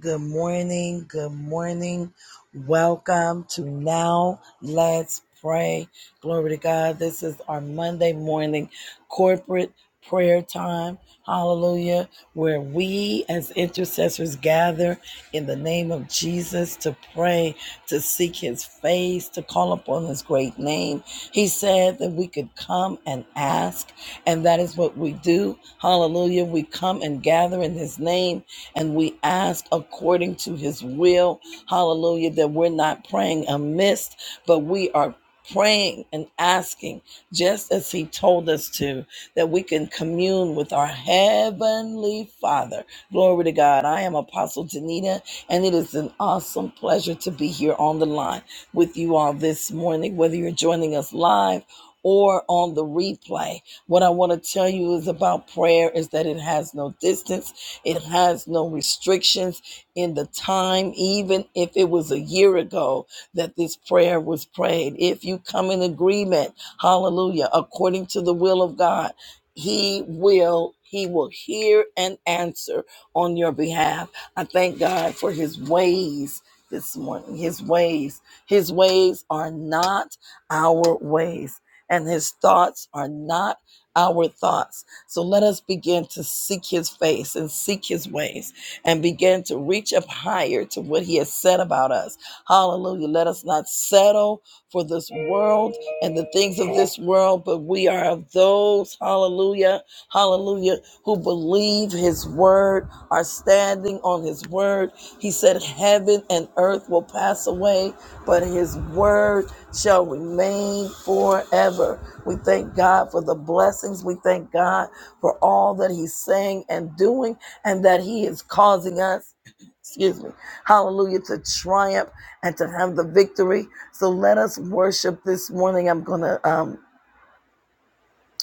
Good morning. Good morning. Welcome to Now Let's Pray. Glory to God. This is our Monday morning corporate prayer time. Hallelujah. Where we as intercessors gather in the name of Jesus to pray, to seek his face, to call upon his great name. He said that we could come and ask, and that is what we do. Hallelujah. We come and gather in his name and we ask according to his will, hallelujah, that we're not praying amiss, but we are praying and asking just as he told us to, that we can commune with our heavenly Father. Glory to God. I am Apostle Danita, and it is an awesome pleasure to be here on the line with you all this morning, whether you're joining us live or on the replay. What I want to tell you is about prayer is that it has no distance it has no restrictions in the time, even if it was a year ago that this prayer was prayed. If you come in agreement, hallelujah, according to the will of God, He will. He will hear and answer on your behalf. I thank God for his ways this morning. His ways. His ways are not our ways, and his thoughts are not our thoughts. So let us begin to seek his face and seek his ways and begin to reach up higher to what he has said about us. Hallelujah. Let us not settle for this world and the things of this world, but we are of those, hallelujah, hallelujah, who believe his word, are standing on his word. He said, Heaven and earth will pass away, but his word shall remain forever. We thank God for the blessings. We thank God for all that he's saying and doing and that he is causing us excuse me hallelujah to triumph and to have the victory so let us worship this morning i'm gonna um,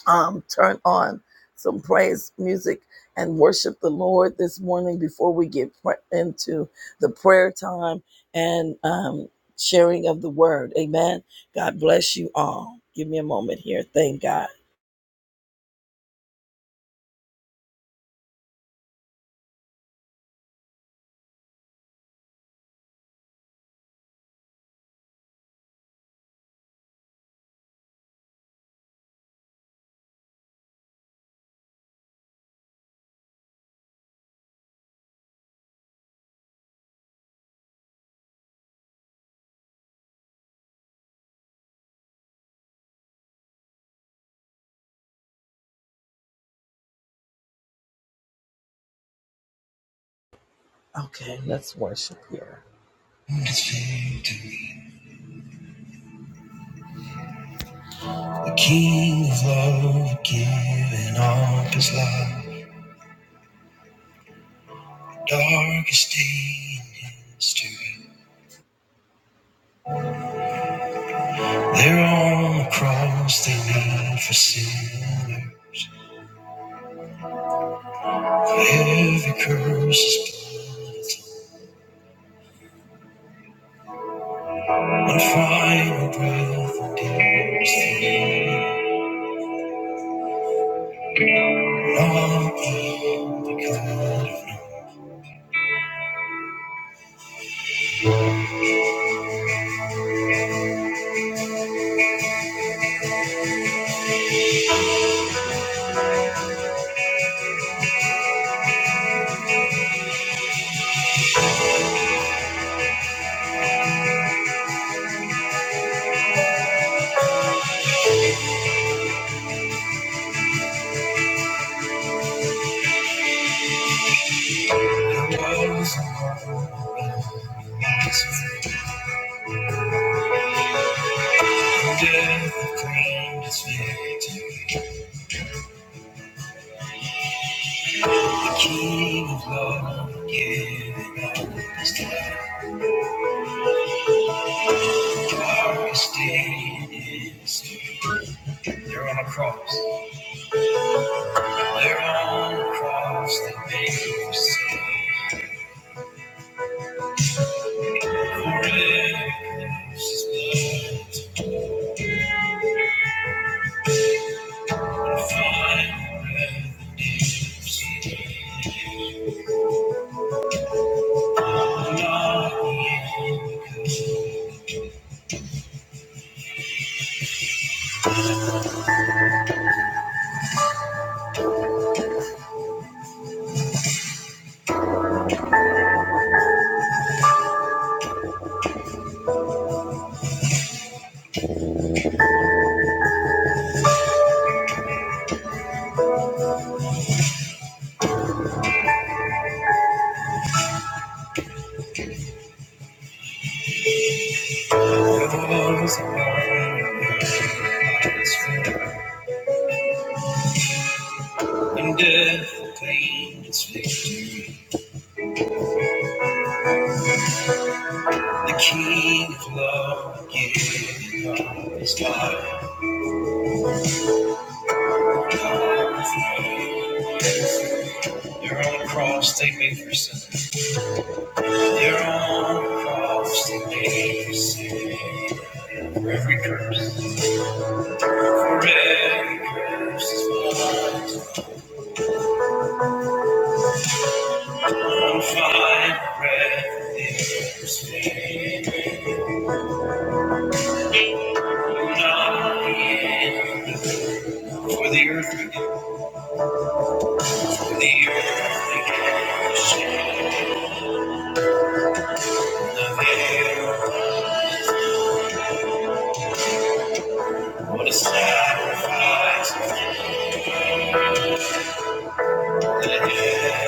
um turn on some praise music and worship the lord this morning before we get pr- into the prayer time and um sharing of the word amen god bless you all give me a moment here thank god okay let's worship here It's victory. The King of Love giving up his life. Darkest day in history. There on the cross they need for sinners. Every curse is blood. One final breath and tears feel. Not the end because of no. There was a moment. Death proclaimed its victory. King of love, giving up his life. You are staying in his street. They're on a cross. They're on a cross that made you sin. Forever close His blood to find redemption. Love is above, love is forever. And death proclaimed its victory. The King of love, giving up his life, God is love. Your own cross they made for sin. Their own cross they made for sin. For every curse, for every curse is blood. One fine breath is sin. Not for the earth, for the earth, they gave the shed the veil. What a sacrifice! Jesus.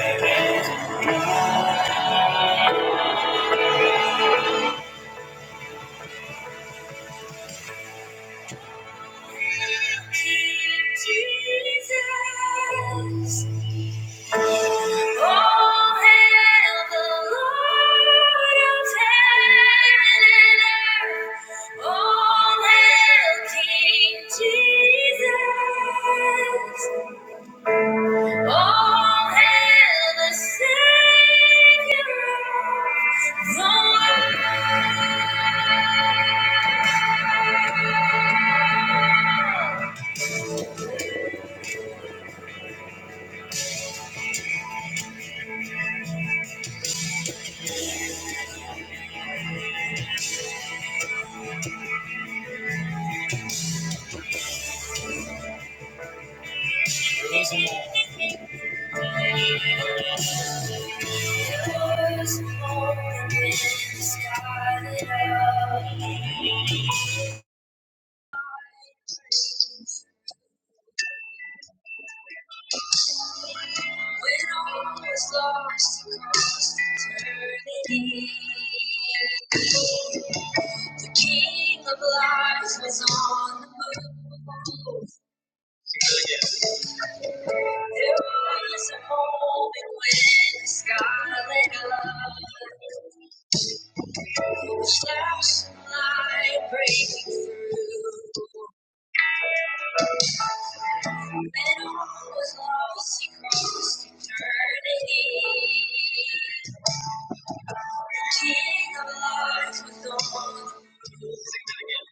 Oh, hail the Lord of heaven and earth. Oh, hail King Jesus. Oh, hail the Savior of the world. Yours on the sky that I praise. When all was lost across eternity, the King of Life was on the move. There was a moment when the scarlet love flashed some light breaking through. Then all was lost across eternity. King of life with all Sing that again.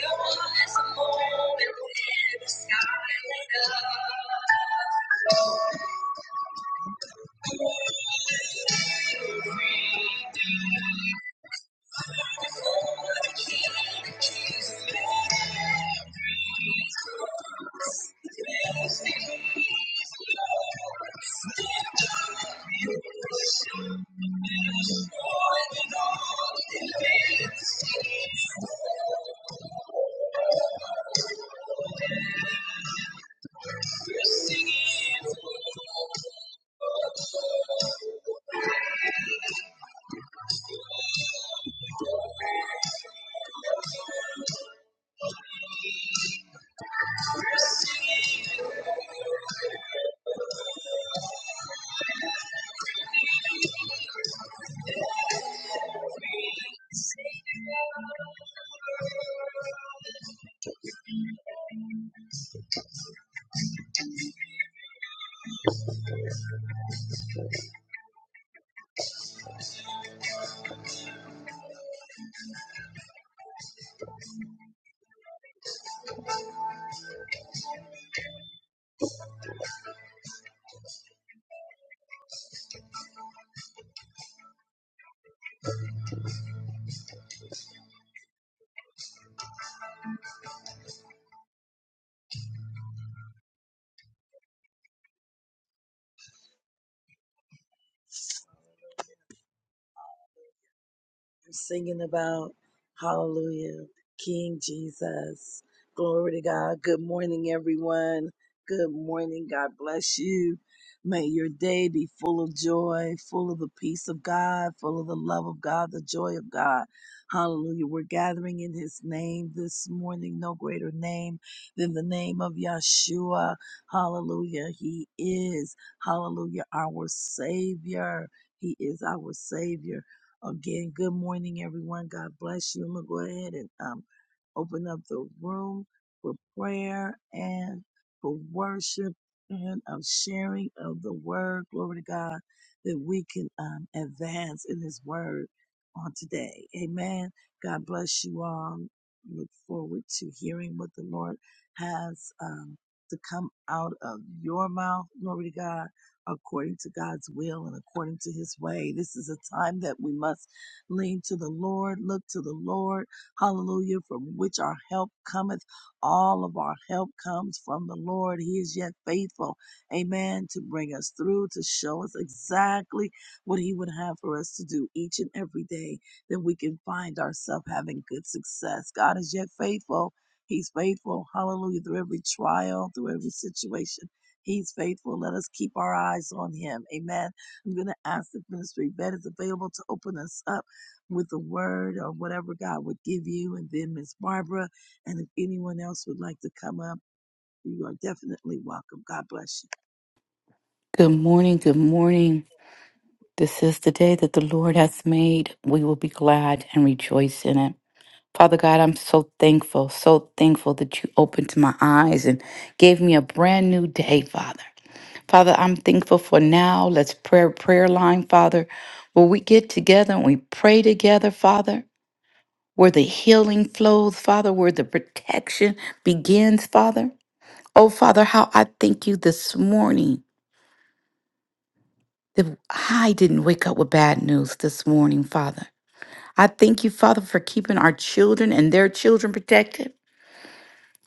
There was a moment when the sky lit up. All the waves We're singing about hallelujah king jesus glory to god good morning everyone good morning god bless you may your day be full of joy full of the peace of god full of the love of god the joy of god hallelujah we're gathering in his name this morning no greater name than the name of yeshua hallelujah he is hallelujah our savior he is our savior Again, good morning, everyone. God bless you. I'm going to go ahead and um, open up the room for prayer and for worship and of sharing of the word. Glory to God that we can um, advance in his word on today. Amen. God bless you all. Look forward to hearing what the Lord has um, to come out of your mouth. Glory to God according to God's will and according to his way. This is a time that we must lean to the Lord, look to the Lord. Hallelujah. From which our help cometh. All of our help comes from the Lord. He is yet faithful. Amen. To bring us through, to show us exactly what he would have for us to do each and every day that we can find ourselves having good success. God is yet faithful. He's faithful. Hallelujah. Through every trial, through every situation. He's faithful. Let us keep our eyes on him. Amen. I'm going to ask the ministry Yvette is available to open us up with a word or whatever God would give you, and then Miss Barbara. And if anyone else would like to come up, you are definitely welcome. God bless you. Good morning, good morning. This is the day that the Lord has made. We will be glad and rejoice in it. Father God, I'm so thankful, so thankful that you opened my eyes and gave me a brand new day, Father. Father, I'm thankful for now. Let's prayer prayer line, Father, where we get together and we pray together, Father, where the healing flows, Father, where the protection begins, Father. Oh, Father, how I thank you this morning that I didn't wake up with bad news this morning, Father. I thank you, Father, for keeping our children and their children protected.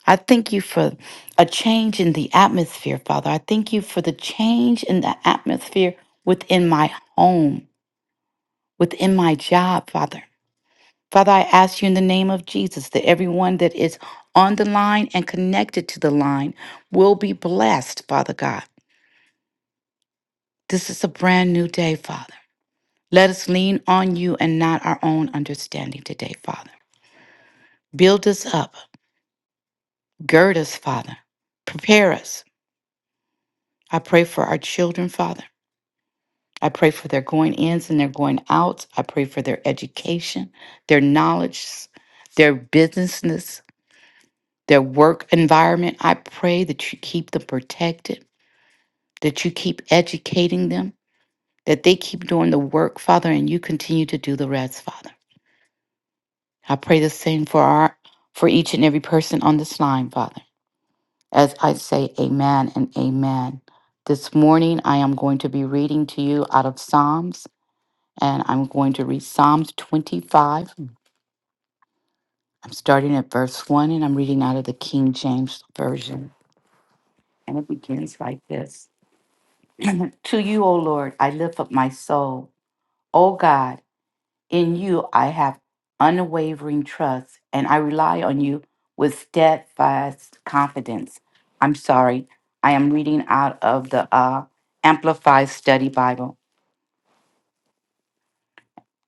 I thank you for a change in the atmosphere, Father. I thank you for the change in the atmosphere within my home, within my job, Father. Father, I ask you in the name of Jesus that everyone that is on the line and connected to the line will be blessed, Father God. This is a brand new day, Father. Let us lean on you and not our own understanding today, Father. Build us up, gird us, Father. Prepare us. I pray for our children, Father. I pray for their going ins and their going outs. I pray for their education, their knowledge, their businessness, their work environment. I pray that you keep them protected, that you keep educating them, that they keep doing the work, Father, and you continue to do the rest, Father. I pray the same for our for each and every person on this line, Father. As I say amen and amen. This morning I am going to be reading to you out of Psalms and I'm going to read Psalms 25. I'm starting at verse 1 and I'm reading out of the King James version. And it begins like this. To you, O Lord, I lift up my soul. O God, In you, I have unwavering trust, and I rely on you with steadfast confidence. I'm sorry, I am reading out of the uh, Amplified Study Bible.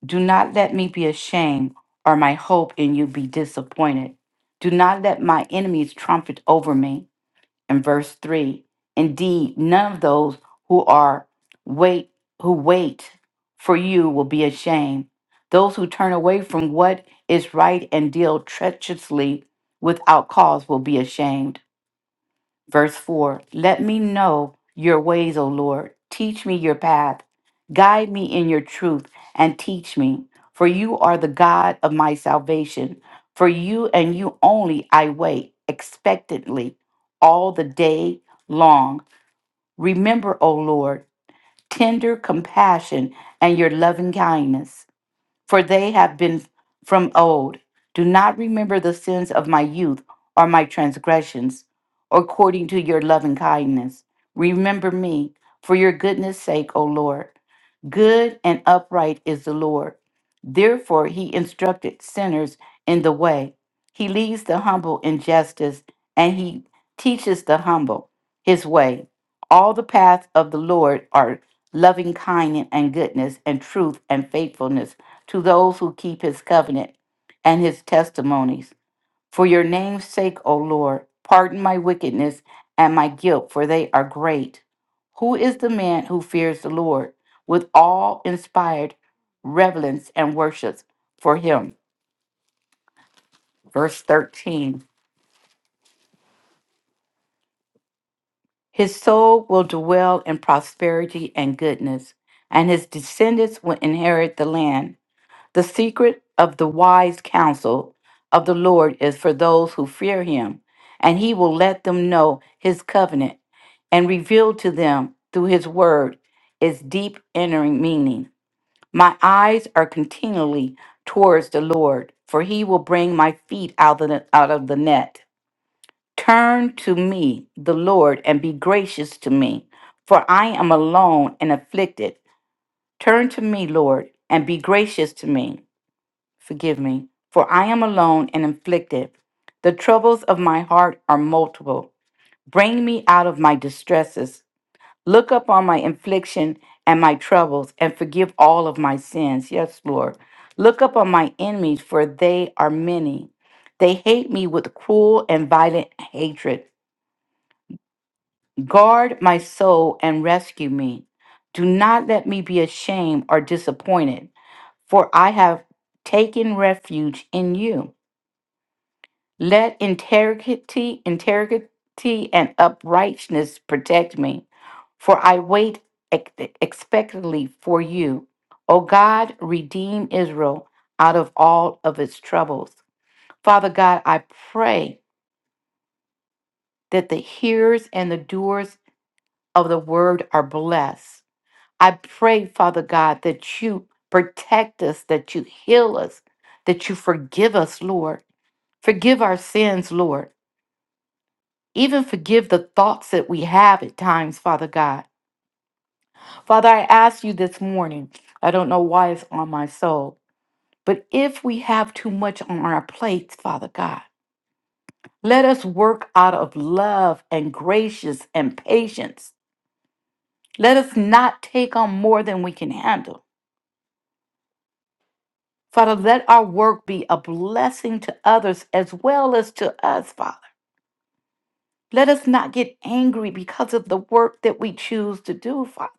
Do not let me be ashamed, or my hope in you be disappointed. Do not let my enemies trumpet over me. and verse 3 indeed none of those who are wait who wait for you will be ashamed those who turn away from what is right and deal treacherously without cause will be ashamed Verse 4 Let me know your ways, O Lord. Teach me your path. Guide me in your truth and teach me. For you are the God of my salvation. For you and you only I wait expectantly all the day long. Remember, O Lord, tender compassion and your loving kindness for they have been from old. Do not remember the sins of my youth or my transgressions, according to your loving kindness. Remember me for your goodness' sake, O Lord. Good and upright is the Lord. Therefore, he instructed sinners in the way. He leads the humble in justice, and he teaches the humble his way. All the paths of the Lord are loving kindness and goodness and truth and faithfulness to those who keep his covenant and his testimonies. For your name's sake, O Lord, pardon my wickedness and my guilt, for they are great. Who is the man who fears the Lord with all inspired reverence and worships for him? Verse 13 His soul will dwell in prosperity and goodness, and his descendants will inherit the land. The secret of the wise counsel of the Lord is for those who fear him, and he will let them know his covenant and reveal to them through his word its deep entering meaning. My eyes are continually towards the Lord, for he will bring my feet out of the, out of the net. Turn to me, the Lord, and be gracious to me, for I am alone and afflicted. Turn to me, Lord, and be gracious to me forgive me, for I am alone and afflicted. The troubles of my heart are multiple. Bring me out of my distresses. Look upon my affliction and my troubles, and forgive all of my sins. Yes, Lord. Look upon my enemies, for they are many. They hate me with cruel and violent hatred. Guard my soul and rescue me. Do not let me be ashamed or disappointed, for I have taken refuge in you. Let integrity, integrity, and uprightness protect me, for I wait ex- expectantly for you. O God, redeem Israel out of all of its troubles. Father God, I pray that the hearers and the doers of the word are blessed. I pray, Father God, that you protect us, that you heal us, that you forgive us, Lord. Forgive our sins, Lord. Even forgive the thoughts that we have at times, Father God. Father, I ask you this morning, I don't know why it's on my soul, but if we have too much on our plates, Father God, let us work out of love and gracious and patience. Let us not take on more than we can handle. Father, let our work be a blessing to others as well as to us, Father. Let us not get angry because of the work that we choose to do, Father.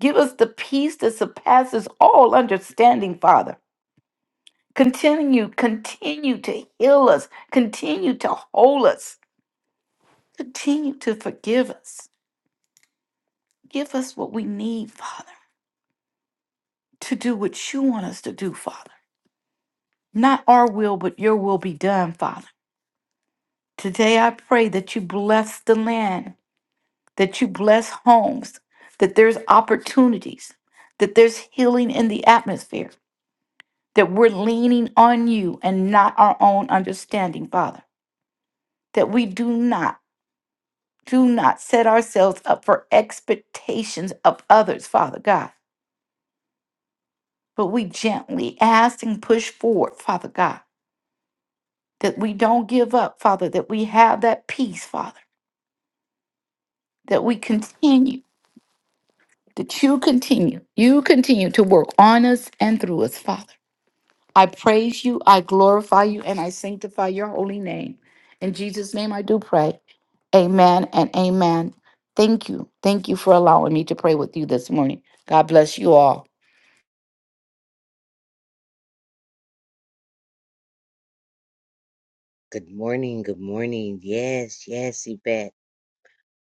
Give us the peace that surpasses all understanding, Father. Continue, continue to heal us, continue to hold us, continue to forgive us. Give us what we need, Father, to do what you want us to do, Father. Not our will, but your will be done, Father. Today I pray that you bless the land, that you bless homes, that there's opportunities, that there's healing in the atmosphere that we're leaning on you and not our own understanding, Father. That we do not, do not set ourselves up for expectations of others, Father God. But we gently ask and push forward, Father God. That we don't give up, Father. That we have that peace, Father. That we continue, that you continue, you continue to work on us and through us, Father. I praise you, I glorify you, and I sanctify your holy name. In Jesus' name I do pray. Amen and amen. Thank you. Thank you for allowing me to pray with you this morning. God bless you all. Good morning, good morning. Yes, yes, Yvette.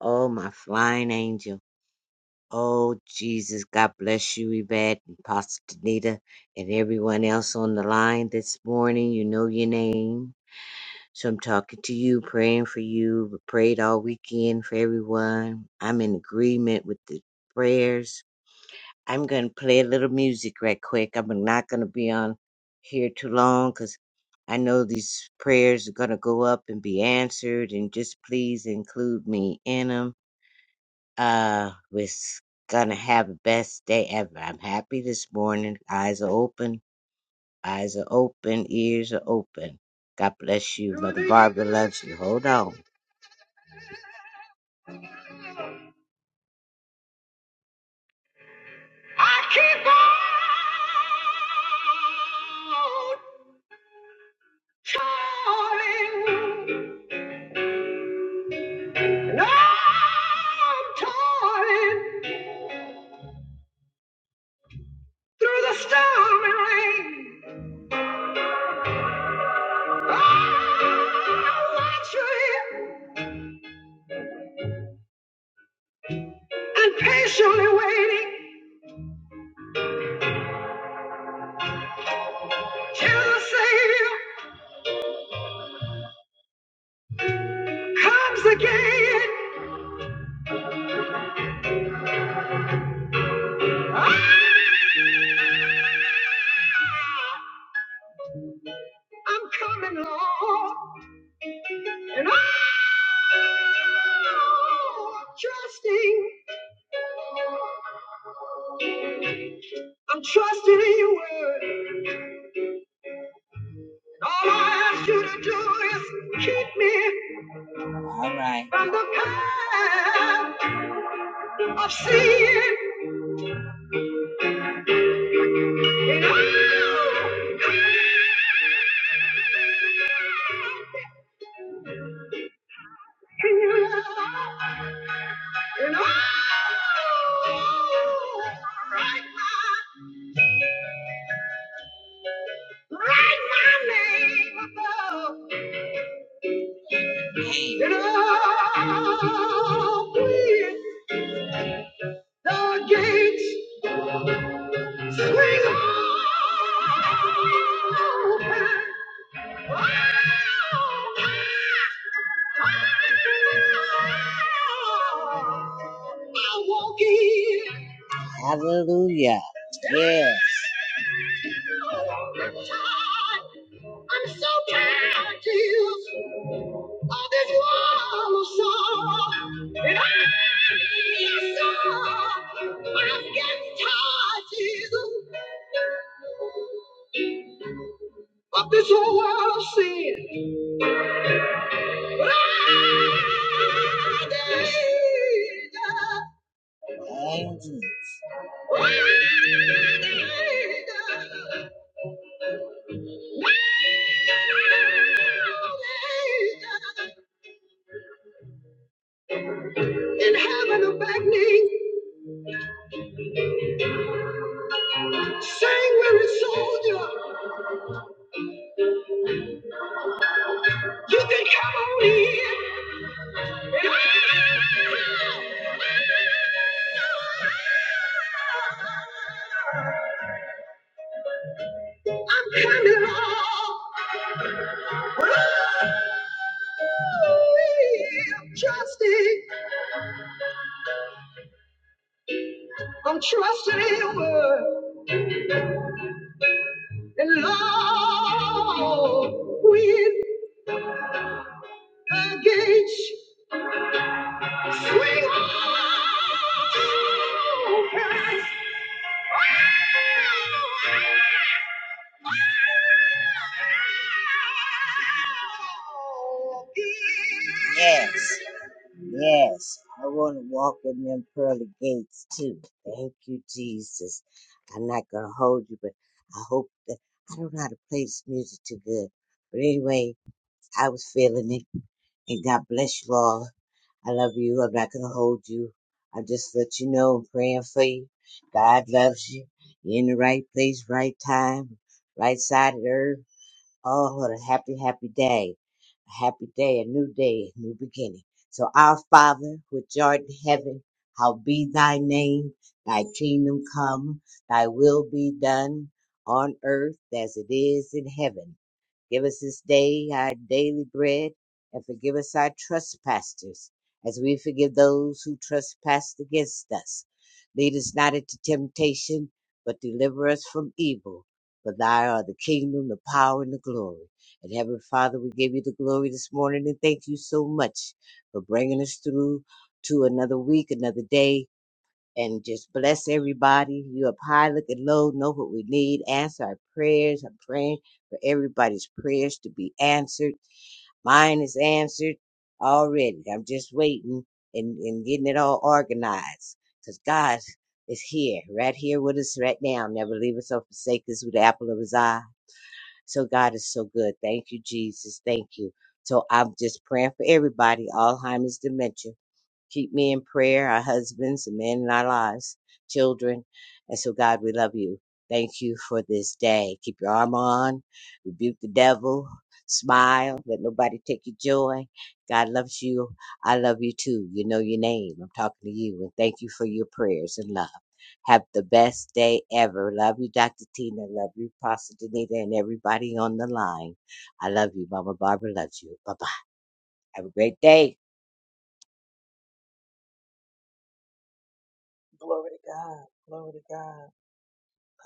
Oh, my flying angel. Oh, Jesus, God bless you, Yvette, and Pastor Danita, and everyone else on the line this morning. You know your name. So I'm talking to you, praying for you. We prayed all weekend for everyone. I'm in agreement with the prayers I'm going to play a little music right quick. I'm not going to be on here too long because I know these prayers are going to go up and be answered. And just please include me in them. Uh, we're going to have the best day ever. I'm happy this morning. Eyes are open. Eyes are open. Ears are open. God bless you. Mother Barbara loves you. Hold on. I keep on toiling, and I'm toiling through the storm and rain. I'm watching and patiently waiting till the Savior comes again. Ah! I'm coming, Lord, and I'm trusting. I'm trusting in your word. All I ask you to do is keep me. All right. From the path of sin. And I'm You know? Write my, write my name above. And I'll the gates swing open. Hallelujah. Yes. I'm so tired, Jesus, of this wall song. And I, yes, sir, I'm getting tired, Jesus, of this whole world of sin. In heaven a back knee, sanguinary soldier, you can come on in. I'm coming off. I'm trusting, I'm trusting him and love with a gauge swing on past. Yes, yes. I want to walk in them pearly gates too. Thank you, Jesus. I'm not going to hold you, but I hope that I don't know how to play this music too good. But anyway, I was feeling it, and God bless you all. I love you. I'm not gonna hold you. I just let you know I'm praying for you. God loves you. You're in the right place, right time, right side of the earth. Oh, what a happy, happy day. A happy day, a new day, a new beginning. So our Father, which art in heaven, how be thy name, thy kingdom come, thy will be done on earth as it is in heaven. Give us this day our daily bread, and forgive us our trespasses, as we forgive those who trespass against us. Lead us not into temptation, but deliver us from evil. For thy are the kingdom, the power, and the glory. And Heavenly Father, we give you the glory this morning and thank you so much for bringing us through to another week, another day, and just bless everybody. you up high, looking low, know what we need, answer our prayers. I'm praying for everybody's prayers to be answered. Mine is answered already. I'm just waiting and, and getting it all organized because God is here, right here with us right now. Never leave us or forsake us with the apple of his eye. So God is so good. Thank you, Jesus. Thank you. So I'm just praying for everybody, Alzheimer's dementia. Keep me in prayer, our husbands, the men in our lives, children. And so, God, we love you. Thank you for this day. Keep your arm on, rebuke the devil, smile, let nobody take your joy. God loves you. I love you too. You know your name. I'm talking to you. And thank you for your prayers and love. Have the best day ever. Love you, Dr. Tina. Love you, Pastor Danita, and everybody on the line. I love you. Mama Barbara loves you. Bye bye. Have a great day, Glory to God. Glory to God.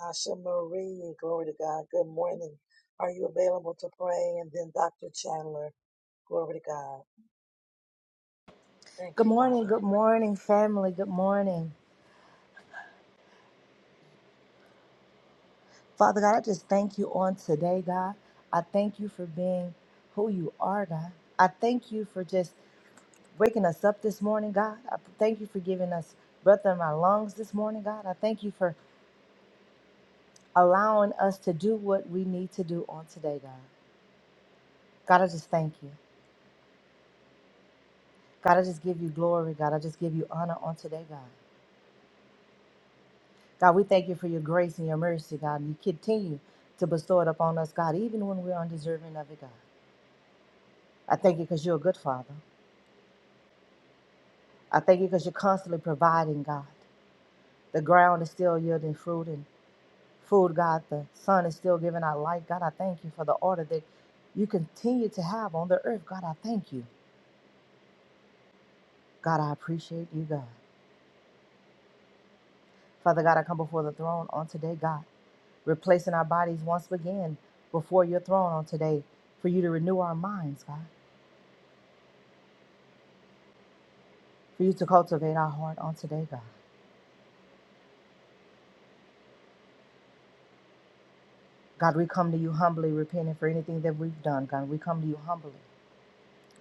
Asha Marie, glory to God. Good morning. Are you available to pray? And then Dr. Chandler, glory to God. Thank Good you, morning, Father. good morning, family. Good morning. Father God, I just thank you on today, God. I thank you for being who you are, God. I thank you for just waking us up this morning, God. I thank you for giving us breath in our lungs this morning, God. I thank you for allowing us to do what we need to do on today, God. God, I just thank you. God, I just give you glory, God. I just give you honor on today, God. God, we thank you for your grace and your mercy, God. And you continue to bestow it upon us, God, even when we're undeserving of it, God. I thank you because you're a good father. I thank you because you're constantly providing, God. The ground is still yielding fruit and food, God. The sun is still giving out light. God, I thank you for the order that you continue to have on the earth. God, I thank you. God, I appreciate you, God. Father God, I come before the throne on today, God, replacing our bodies once again before your throne on today for you to renew our minds, God, for you to cultivate our heart on today, God. God, we come to you humbly, repenting for anything that we've done, God. We come to you humbly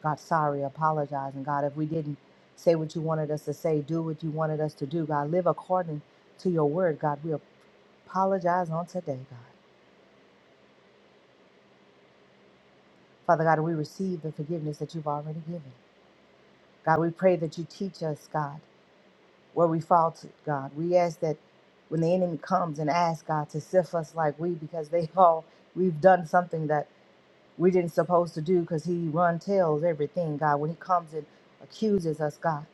God, sorry, apologize. And God, if we didn't say what you wanted us to say, do what you wanted us to do, God, live according to your word, God, we apologize on today, God. Father God, we receive the forgiveness that you've already given. God, we pray that you teach us, God, where we faltered, God. We ask that when the enemy comes and asks, God, to sift us like we, because they all, we've done something that we didn't supposed to do because he run tells everything, God. When he comes and accuses us, God,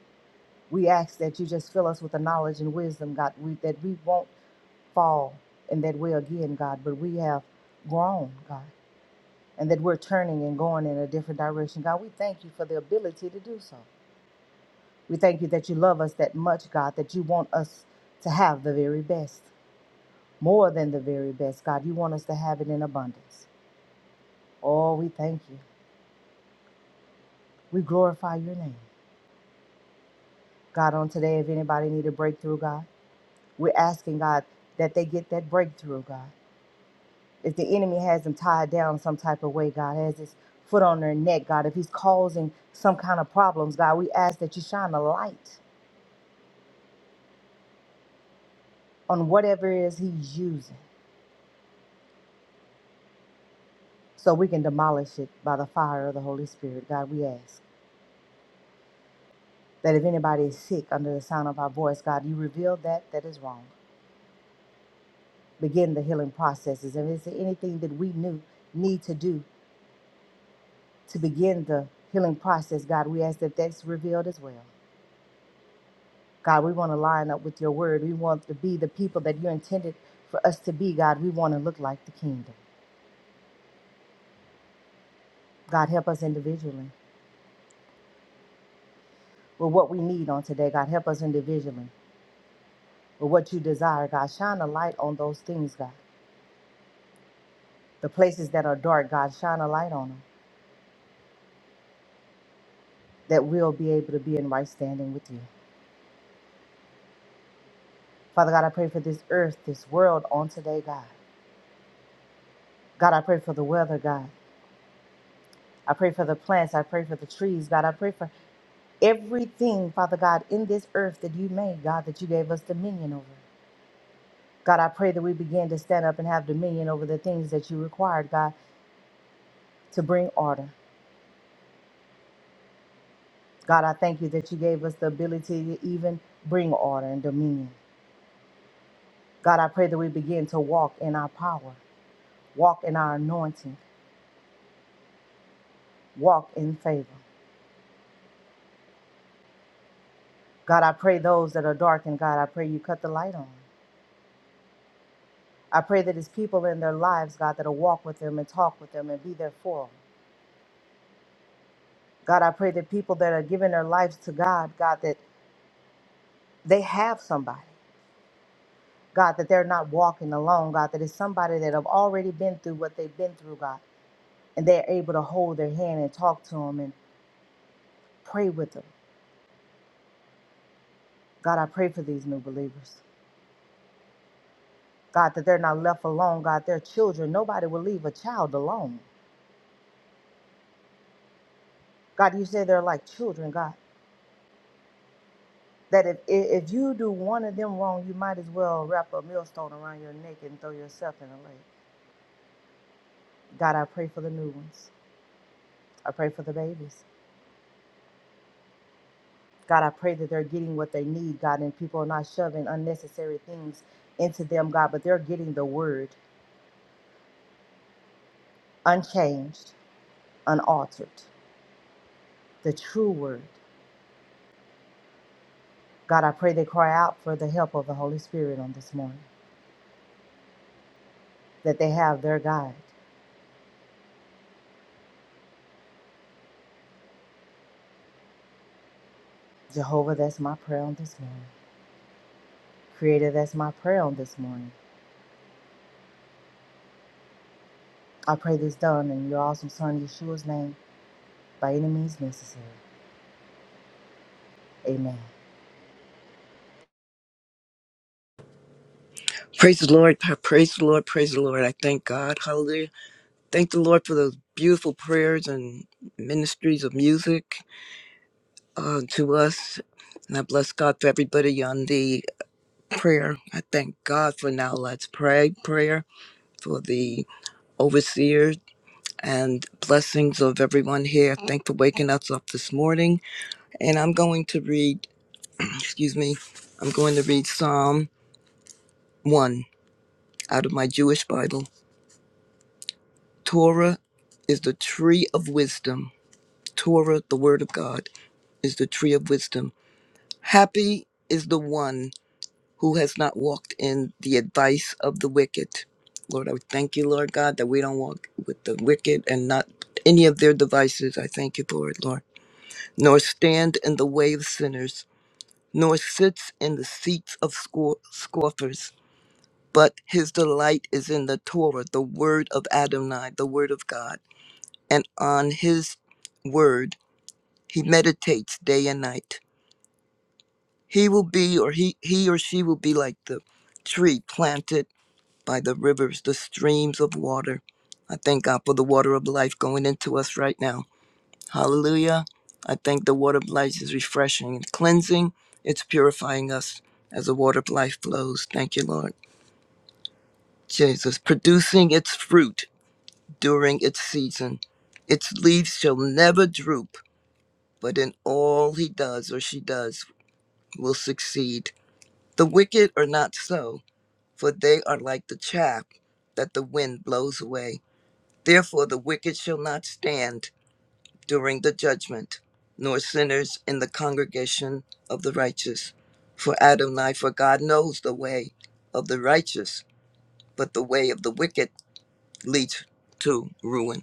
We ask that you just fill us with the knowledge and wisdom, God, we, that we won't fall in that way again, God, but we have grown, God, and that we're turning and going in a different direction. God, we thank you for the ability to do so. We thank you that you love us that much, God, that you want us to have the very best, more than the very best, God. You want us to have it in abundance. Oh, we thank you. We glorify your name. God, on today, if anybody need a breakthrough, God, we're asking, God, that they get that breakthrough, God. if the enemy has them tied down some type of way, God, has his foot on their neck, God, if he's causing some kind of problems, God, we ask that you shine a light on whatever it is he's using so we can demolish it by the fire of the Holy Spirit. God, we ask that if anybody is sick under the sound of our voice, God, you reveal that that is wrong. Begin the healing processes. And is there anything that we knew need to do to begin the healing process, God, we ask that that's revealed as well. God, we want to line up with your word. We want to be the people that you intended for us to be, God. We want to look like the kingdom. God, help us individually with what we need on today. God, help us individually with what you desire, God. Shine a light on those things, God. The places that are dark, God, shine a light on them that we'll be able to be in right standing with you. Father God, I pray for this earth, this world on today, God. God, I pray for the weather, God. I pray for the plants. I pray for the trees, God. I pray for everything, Father God, in this earth that you made, God, that you gave us dominion over. God, I pray that we begin to stand up and have dominion over the things that you required, God, to bring order. God, I thank you that you gave us the ability to even bring order and dominion. God, I pray that we begin to walk in our power, walk in our anointing, walk in favor. God, I pray those that are darkened, God, I pray you cut the light on. I pray that it's people in their lives, God, that'll walk with them and talk with them and be there for them. God, I pray that people that are giving their lives to God, God, that they have somebody. God, that they're not walking alone. God, that it's somebody that have already been through what they've been through, God, and they're able to hold their hand and talk to them and pray with them. God, I pray for these new believers. God, that they're not left alone. God, they're children. Nobody will leave a child alone. God, you say they're like children, God. That if, if if you do one of them wrong, you might as well wrap a millstone around your neck and throw yourself in the lake. God, I pray for the new ones. I pray for the babies. God, I pray that they're getting what they need, God, and people are not shoving unnecessary things into them, God, but they're getting the word unchanged, unaltered, the true word. God, I pray they cry out for the help of the Holy Spirit on this morning, that they have their guide. Jehovah, that's my prayer on this morning. Creator, that's my prayer on this morning. I pray this done in your awesome Son, Yeshua's name, by any means necessary. Amen. Praise the Lord. pa- Praise the Lord. Praise the Lord. I thank God. Hallelujah. Thank the Lord for those beautiful prayers and ministries of music uh, to us. And I bless God for everybody on the prayer. I thank God for now. Let's pray. Prayer for the overseer and blessings of everyone here. Thank for waking us up this morning. And I'm going to read, excuse me, I'm going to read Psalm 1 out of my Jewish Bible. Torah is the tree of wisdom. Torah, the word of God, is the tree of wisdom. Happy is the one who has not walked in the advice of the wicked. Lord, I thank you, Lord God, that we don't walk with the wicked and not any of their devices. I thank you for it, Lord. Nor stand in the way of sinners, nor sits in the seats of scor- scoffers. But his delight is in the Torah, the word of Adonai, the word of God and on his word he meditates day and night. He will be or he he or she will be like the tree planted by the rivers, the streams of water. I thank God for the water of life going into us right now. Hallelujah. I thank the water of life is refreshing and cleansing. It's purifying us as the water of life flows. Thank you, Lord. Jesus, producing its fruit during its season. Its leaves shall never droop but in all he does or she does will succeed. The wicked are not so, for they are like the chaff that the wind blows away. Therefore, the wicked shall not stand during the judgment, nor sinners in the congregation of the righteous. For Adonai, for God knows the way of the righteous, but the way of the wicked leads to ruin.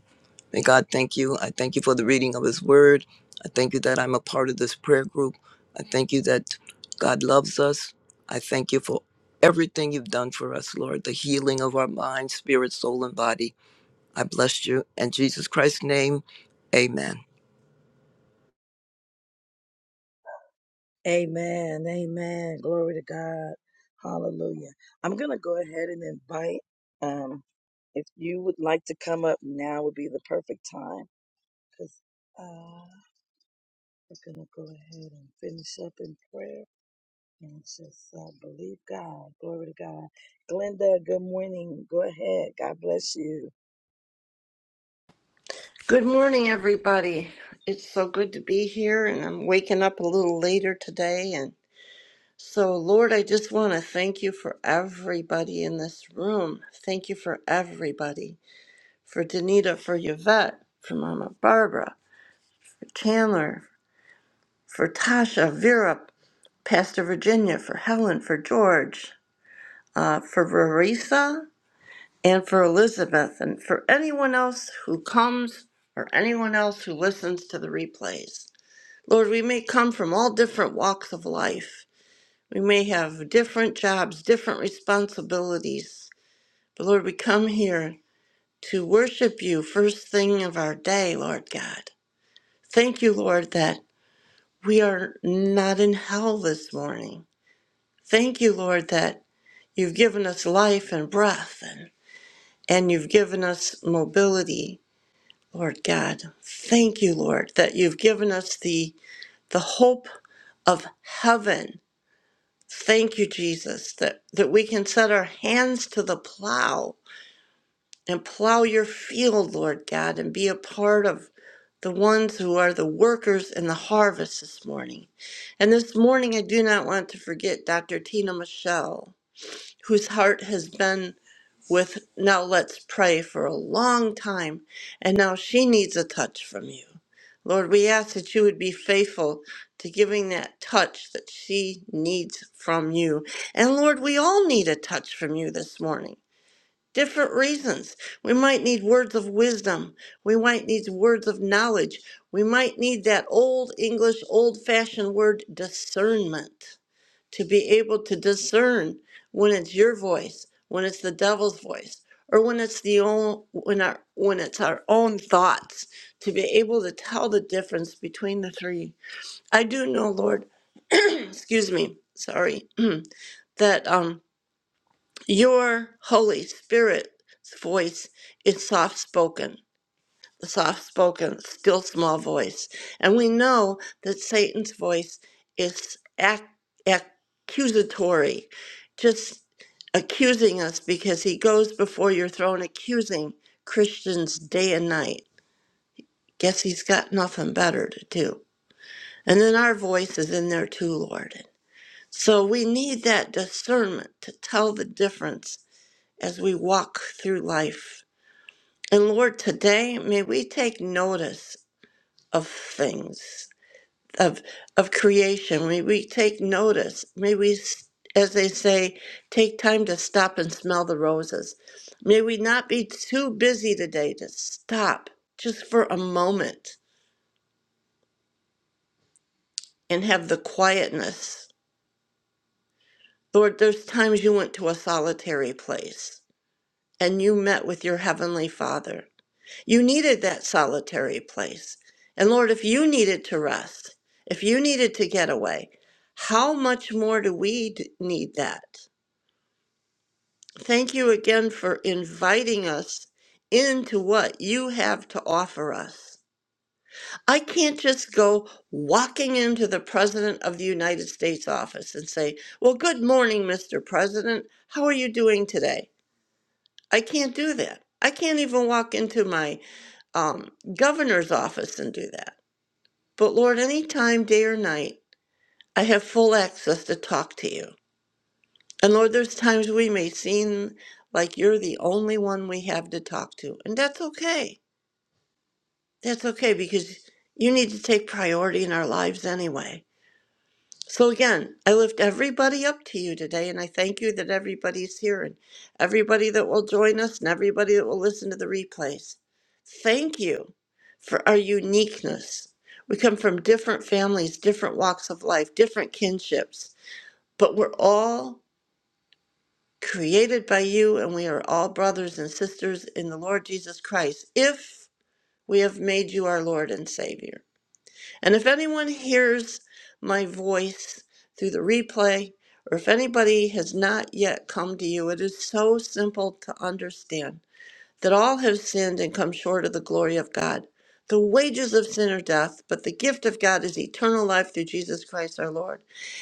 May God thank you. I thank you for the reading of His Word. I thank you that I'm a part of this prayer group. I thank you that God loves us. I thank you for everything you've done for us, Lord, the healing of our mind, spirit, soul, and body. I bless you. In Jesus Christ's name, amen. Amen. Amen. Glory to God. Hallelujah. I'm going to go ahead and invite, um, if you would like to come up now would be the perfect time because uh, we're going to go ahead and finish up in prayer and just uh, believe God. Glory to God. Glenda, good morning. Go ahead. God bless you. Good morning, everybody. It's so good to be here, and I'm waking up a little later today. And so, Lord, I just want to thank you for everybody in this room. Thank you for everybody for Danita, for Yvette, for Mama Barbara, for Chandler, for Tasha, Vera, Pastor Virginia, for Helen, for George, uh, for Rarisa, and for Elizabeth, and for anyone else who comes or anyone else who listens to the replays. Lord, we may come from all different walks of life. We may have different jobs, different responsibilities. But Lord, we come here to worship you first thing of our day, Lord God. Thank you, Lord, that we are not in hell this morning. Thank you, Lord, that you've given us life and breath and, and you've given us mobility, Lord God. Thank you, Lord, that you've given us the the hope of heaven Thank you, Jesus, that, that we can set our hands to the plow and plow your field, Lord God, and be a part of the ones who are the workers in the harvest this morning. And this morning, I do not want to forget Dr. Tina Michelle, whose heart has been with now let's pray for a long time and now she needs a touch from you lord we ask that you would be faithful to giving that touch that she needs from you and lord we all need a touch from you this morning different reasons we might need words of wisdom we might need words of knowledge we might need that old english old fashioned word discernment to be able to discern when it's your voice, when it's the devil's voice, or when it's the own, when our when it's our own thoughts, to be able to tell the difference between the three. I do know, Lord, excuse me, sorry, that um your Holy Spirit's voice is soft spoken soft spoken, still small voice. And we know that Satan's voice is ac- accusatory, just accusing us because he goes before your throne accusing Christians day and night. Guess he's got nothing better to do. And then our voice is in there too, Lord. So we need that discernment to tell the difference as we walk through life. And Lord, today may we take notice of things of of creation may we take notice may we s- as they say take time to stop and smell the roses may we not be too busy today to stop just for a moment and have the quietness lord there's times you went to a solitary place and you met with your heavenly father You needed that solitary place. And Lord, if you needed to rest, if you needed to get away, how much more do we d- need that? Thank you again for inviting us into what you have to offer us. I can't just go walking into the President of the United States office and say, Well, good morning, Mr. President. How are you doing today? I can't do that. I can't even walk into my um, governor's office and do that. But Lord, any time, day or night, I have full access to talk to you. And Lord, there's times we may seem like you're the only one we have to talk to. And that's okay. That's okay because you need to take priority in our lives anyway. So again, I lift everybody up to you today, and I thank you that everybody's here and everybody that will join us and everybody that will listen to the replays. Thank you for our uniqueness. We come from different families, different walks of life, different kinships, but we're all created by you, and we are all brothers and sisters in the Lord Jesus Christ if we have made you our Lord and Savior. And if anyone hears my voice through the replay, or if anybody has not yet come to you, it is so simple to understand that all have sinned and come short of the glory of God. The wages of sin are death, but the gift of God is eternal life through Jesus Christ our Lord.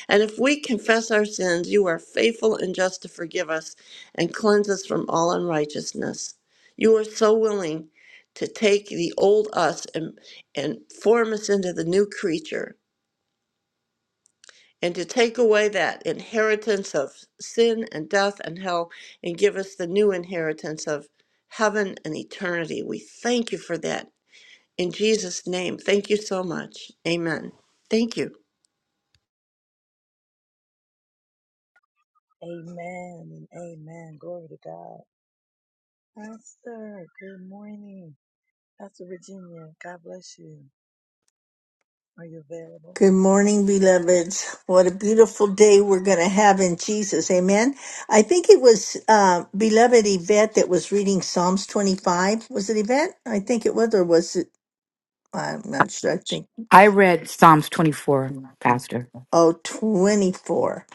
And if we confess our sins, you are faithful and just to forgive us and cleanse us from all unrighteousness. You are so willing to take the old us and, and form us into the new creature and to take away that inheritance of sin and death and hell and give us the new inheritance of heaven and eternity. We thank you for that. In Jesus' name, thank you so much. Amen. Thank you. Amen and amen. Glory to God. Pastor, good morning. Pastor Virginia, God bless you. Are you available? Good morning, beloveds. What a beautiful day we're going to have in Jesus. Amen. I think it was uh, beloved Yvette that was reading Psalms 25. Was it Yvette? I think it was, or was it? I'm not sure. I think, I read Psalms 24, Pastor. oh, 24.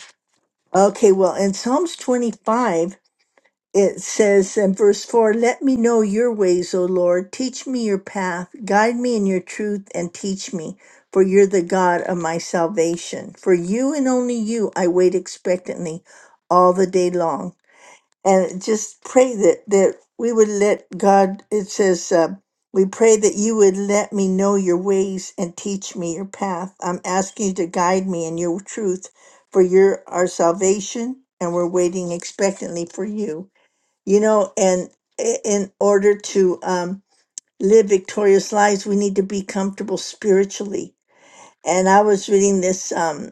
Okay, well, in Psalms 25, it says in verse 4 let me know your ways o lord teach me your path guide me in your truth and teach me for you're the god of my salvation for you and only you i wait expectantly all the day long and just pray that that we would let god it says uh, we pray that you would let me know your ways and teach me your path i'm asking you to guide me in your truth for you're our salvation and we're waiting expectantly for you you know and i- in order to um, live victorious lives we need to be comfortable spiritually and i was reading this um,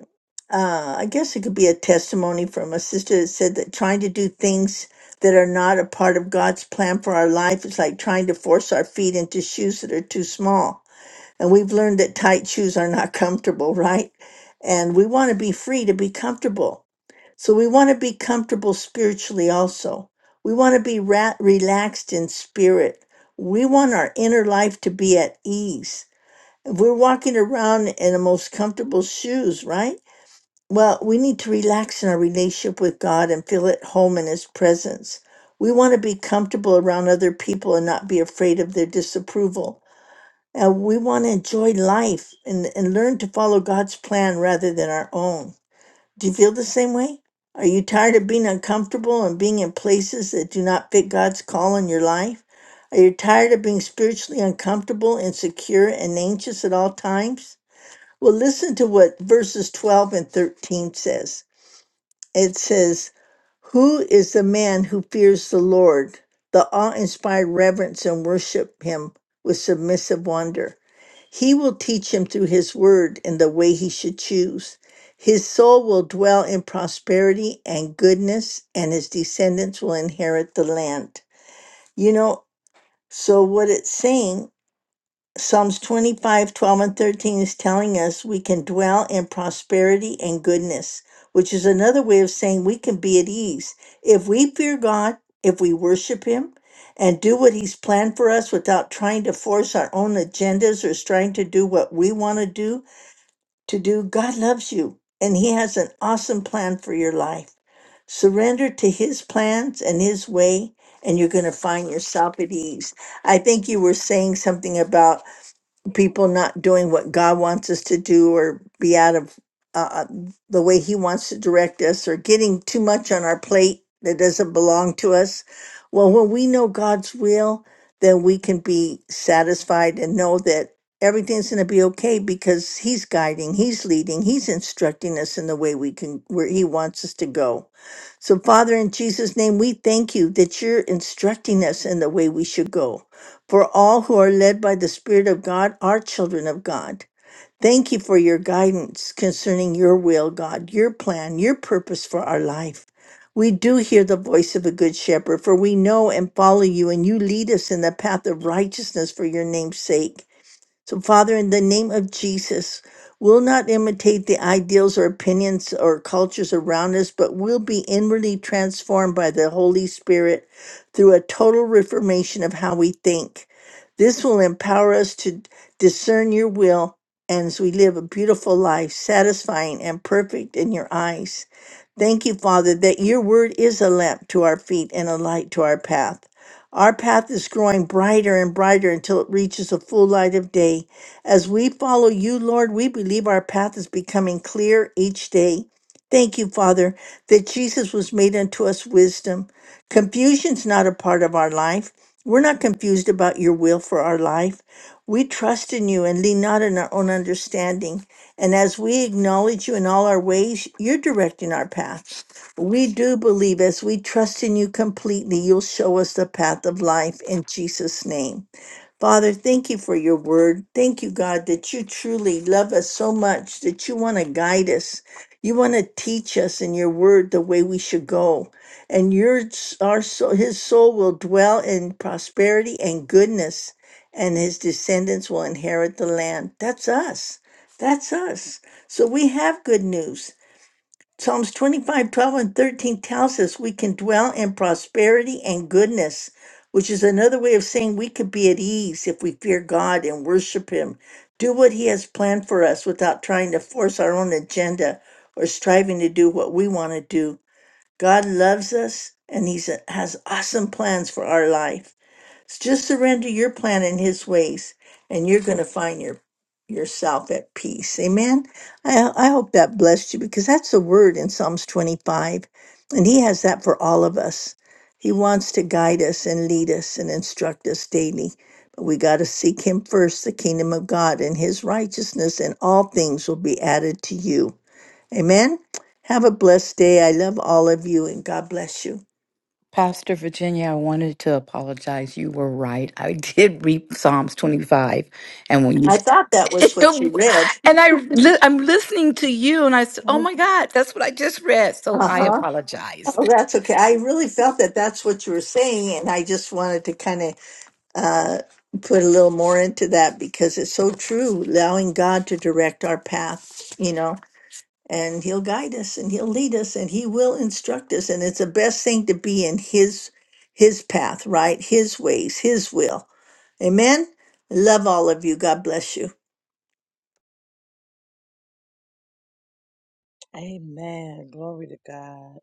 uh, i guess it could be a testimony from a sister that said that trying to do things that are not a part of god's plan for our life is like trying to force our feet into shoes that are too small and we've learned that tight shoes are not comfortable, right? And we want to be free to be comfortable. So we want to be comfortable spiritually also. We want to be ra- relaxed in spirit. We want our inner life to be at ease. If we're walking around in the most comfortable shoes, right? Well, we need to relax in our relationship with God and feel at home in His presence. We want to be comfortable around other people and not be afraid of their disapproval. Uh, we want to enjoy life and, and learn to follow God's plan rather than our own. Do you feel the same way? Are you tired of being uncomfortable and being in places that do not fit God's call in your life? Are you tired of being spiritually uncomfortable, insecure, and anxious at all times? Well, listen to what verses 12 and 13 says. It says, Who is the man who fears the Lord? The awe inspired reverence and worship him with submissive wonder. He will teach him through his word in the way he should choose. His soul will dwell in prosperity and goodness, and his descendants will inherit the land. You know, so what it's saying Psalms 25, 12 and 13 is telling us we can dwell in prosperity and goodness, which is another way of saying we can be at ease. If we fear God, if we worship Him, and do what He's planned for us without trying to force our own agendas or trying to do what we want to do, to do, God loves you and He has an awesome plan for your life. Surrender to His plans and His way, and you're going to find yourself at ease. I think you were saying something about people not doing what God wants us to do or be out of uh, uh, the way He wants to direct us or getting too much on our plate that doesn't belong to us. Well, when we know God's will, then we can be satisfied and know that everything's going to be okay because He's guiding, He's leading, He's instructing us in the way we can, where He wants us to go. So, Father, in Jesus' name, we thank you that you're instructing us in the way we should go. For all who are led by the Spirit of God are children of God. Thank you for your guidance concerning your will, God, your plan, your purpose for our life. We do hear the voice of a good shepherd, for we know and follow you, and you lead us in the path of righteousness for your name's sake. So, Father, in the name of Jesus, we'll not imitate the ideals or opinions or cultures around us, but we'll be inwardly transformed by the Holy Spirit through a total reformation of how we think. This will empower us to discern your will and as we live a beautiful life, satisfying and perfect in your eyes. Thank you, Father, that your word is a lamp to our feet and a light to our path. Our path is growing brighter and brighter until it reaches the full light of day. As we follow you, Lord, we believe our path is becoming clear each day. Thank you, Father, that Jesus was made unto us wisdom. Confusion's not a part of our life. We're not confused about your will for our life. We trust in you and lean not in our own understanding. And as we acknowledge you in all our ways, you're directing our path. We do believe as we trust in you completely, you'll show us the path of life in Jesus' name. Father, thank you for your word. Thank you, God, that you truly love us so much that you want to guide us. You want to teach us in your word the way we should go. And your our soul, his soul will dwell in prosperity and goodness, and his descendants will inherit the land. That's us. That's us. So we have good news. Psalms 25, 12, and 13 tells us we can dwell in prosperity and goodness, which is another way of saying we could be at ease if we fear God and worship Him, do what He has planned for us without trying to force our own agenda or striving to do what we want to do. God loves us and He has awesome plans for our life. Just surrender your plan and his ways, and you're going to find your yourself at peace. Amen. I, I hope that blessed you because that's the word in Psalms 25, and he has that for all of us. He wants to guide us and lead us and instruct us daily. But we got to seek him first, the kingdom of God and his righteousness, and all things will be added to you. Amen. Have a blessed day. I love all of you, and God bless you. Pastor Virginia, I wanted to apologize. You were right. I did read Psalms 25. And when I thought that was what you you read. And I, li- I'm listening to you, and I said, "Oh my God, that's what I just read." So Uh I huh. apologize. Oh, that's okay. I really felt that that's what you were saying, and I just wanted to kind of uh, put a little more into that because it's so true. Allowing God to direct our path, you know, and He'll guide us, and He'll lead us, and He will instruct us, and it's the best thing to be in His His path, right? His ways, His will. Amen. Love all of you. God bless you. Amen. Glory to God.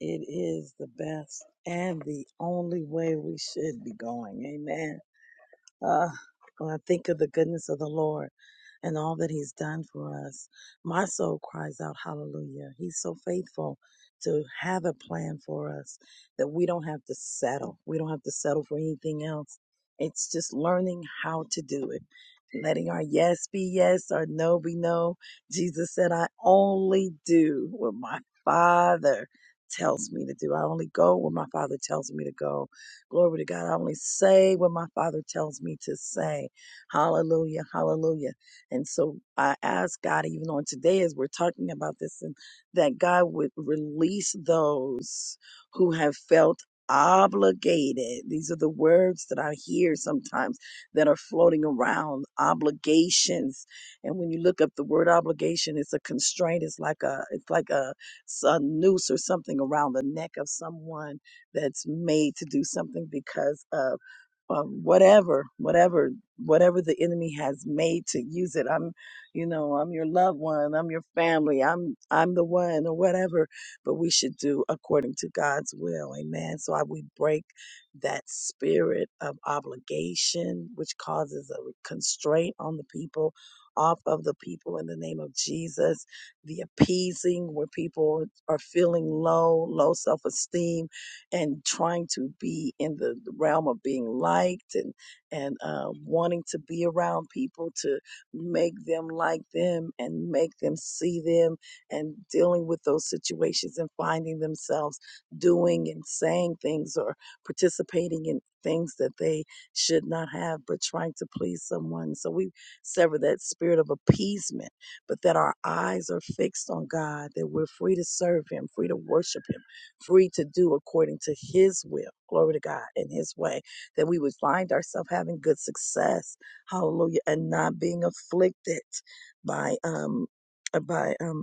It is the best and the only way we should be going. Amen. Uh, when I think of the goodness of the Lord and all that He's done for us, my soul cries out, Hallelujah. He's so faithful to have a plan for us that we don't have to settle. We don't have to settle for anything else. It's just learning how to do it, letting our yes be yes, our no be no. Jesus said, I only do what my Father tells me to do. I only go where my Father tells me to go Glory to God. I only say what my Father tells me to say. Hallelujah. Hallelujah. And so I ask God, even on today, as we're talking about this, and that God would release those who have felt obligated. These are the words that I hear sometimes that are floating around obligations. And when you look up the word obligation, it's a constraint. It's like a, it's like a a noose or something around the neck of someone that's made to do something because of um, whatever, whatever, whatever the enemy has made to use it. I'm, you know, I'm your loved one. I'm your family. I'm, I'm the one or whatever. But we should do according to God's will. Amen. So I, we break that spirit of obligation, which causes a constraint on the people. Off of the people in the name of Jesus, the appeasing where people are feeling low, low self esteem, and trying to be in the realm of being liked and and uh, wanting to be around people to make them like them and make them see them and dealing with those situations and finding themselves doing and saying things or participating in things that they should not have but trying to please someone so we sever that spirit of appeasement but that our eyes are fixed on god that we're free to serve him free to worship him free to do according to His will. Glory to God in His way. That we would find ourselves having good success. Hallelujah. And not being afflicted by, um, by, um,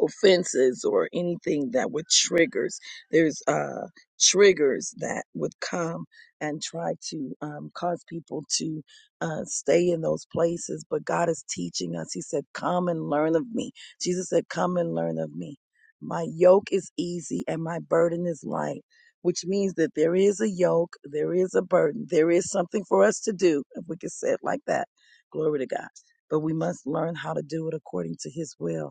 offenses or anything that would triggers there's uh triggers that would come and try to um, cause people to uh, stay in those places but god is teaching us he said come and learn of me jesus said come and learn of me my yoke is easy and my burden is light which means that there is a yoke there is a burden there is something for us to do if we could say it like that glory to god but we must learn how to do it according to his will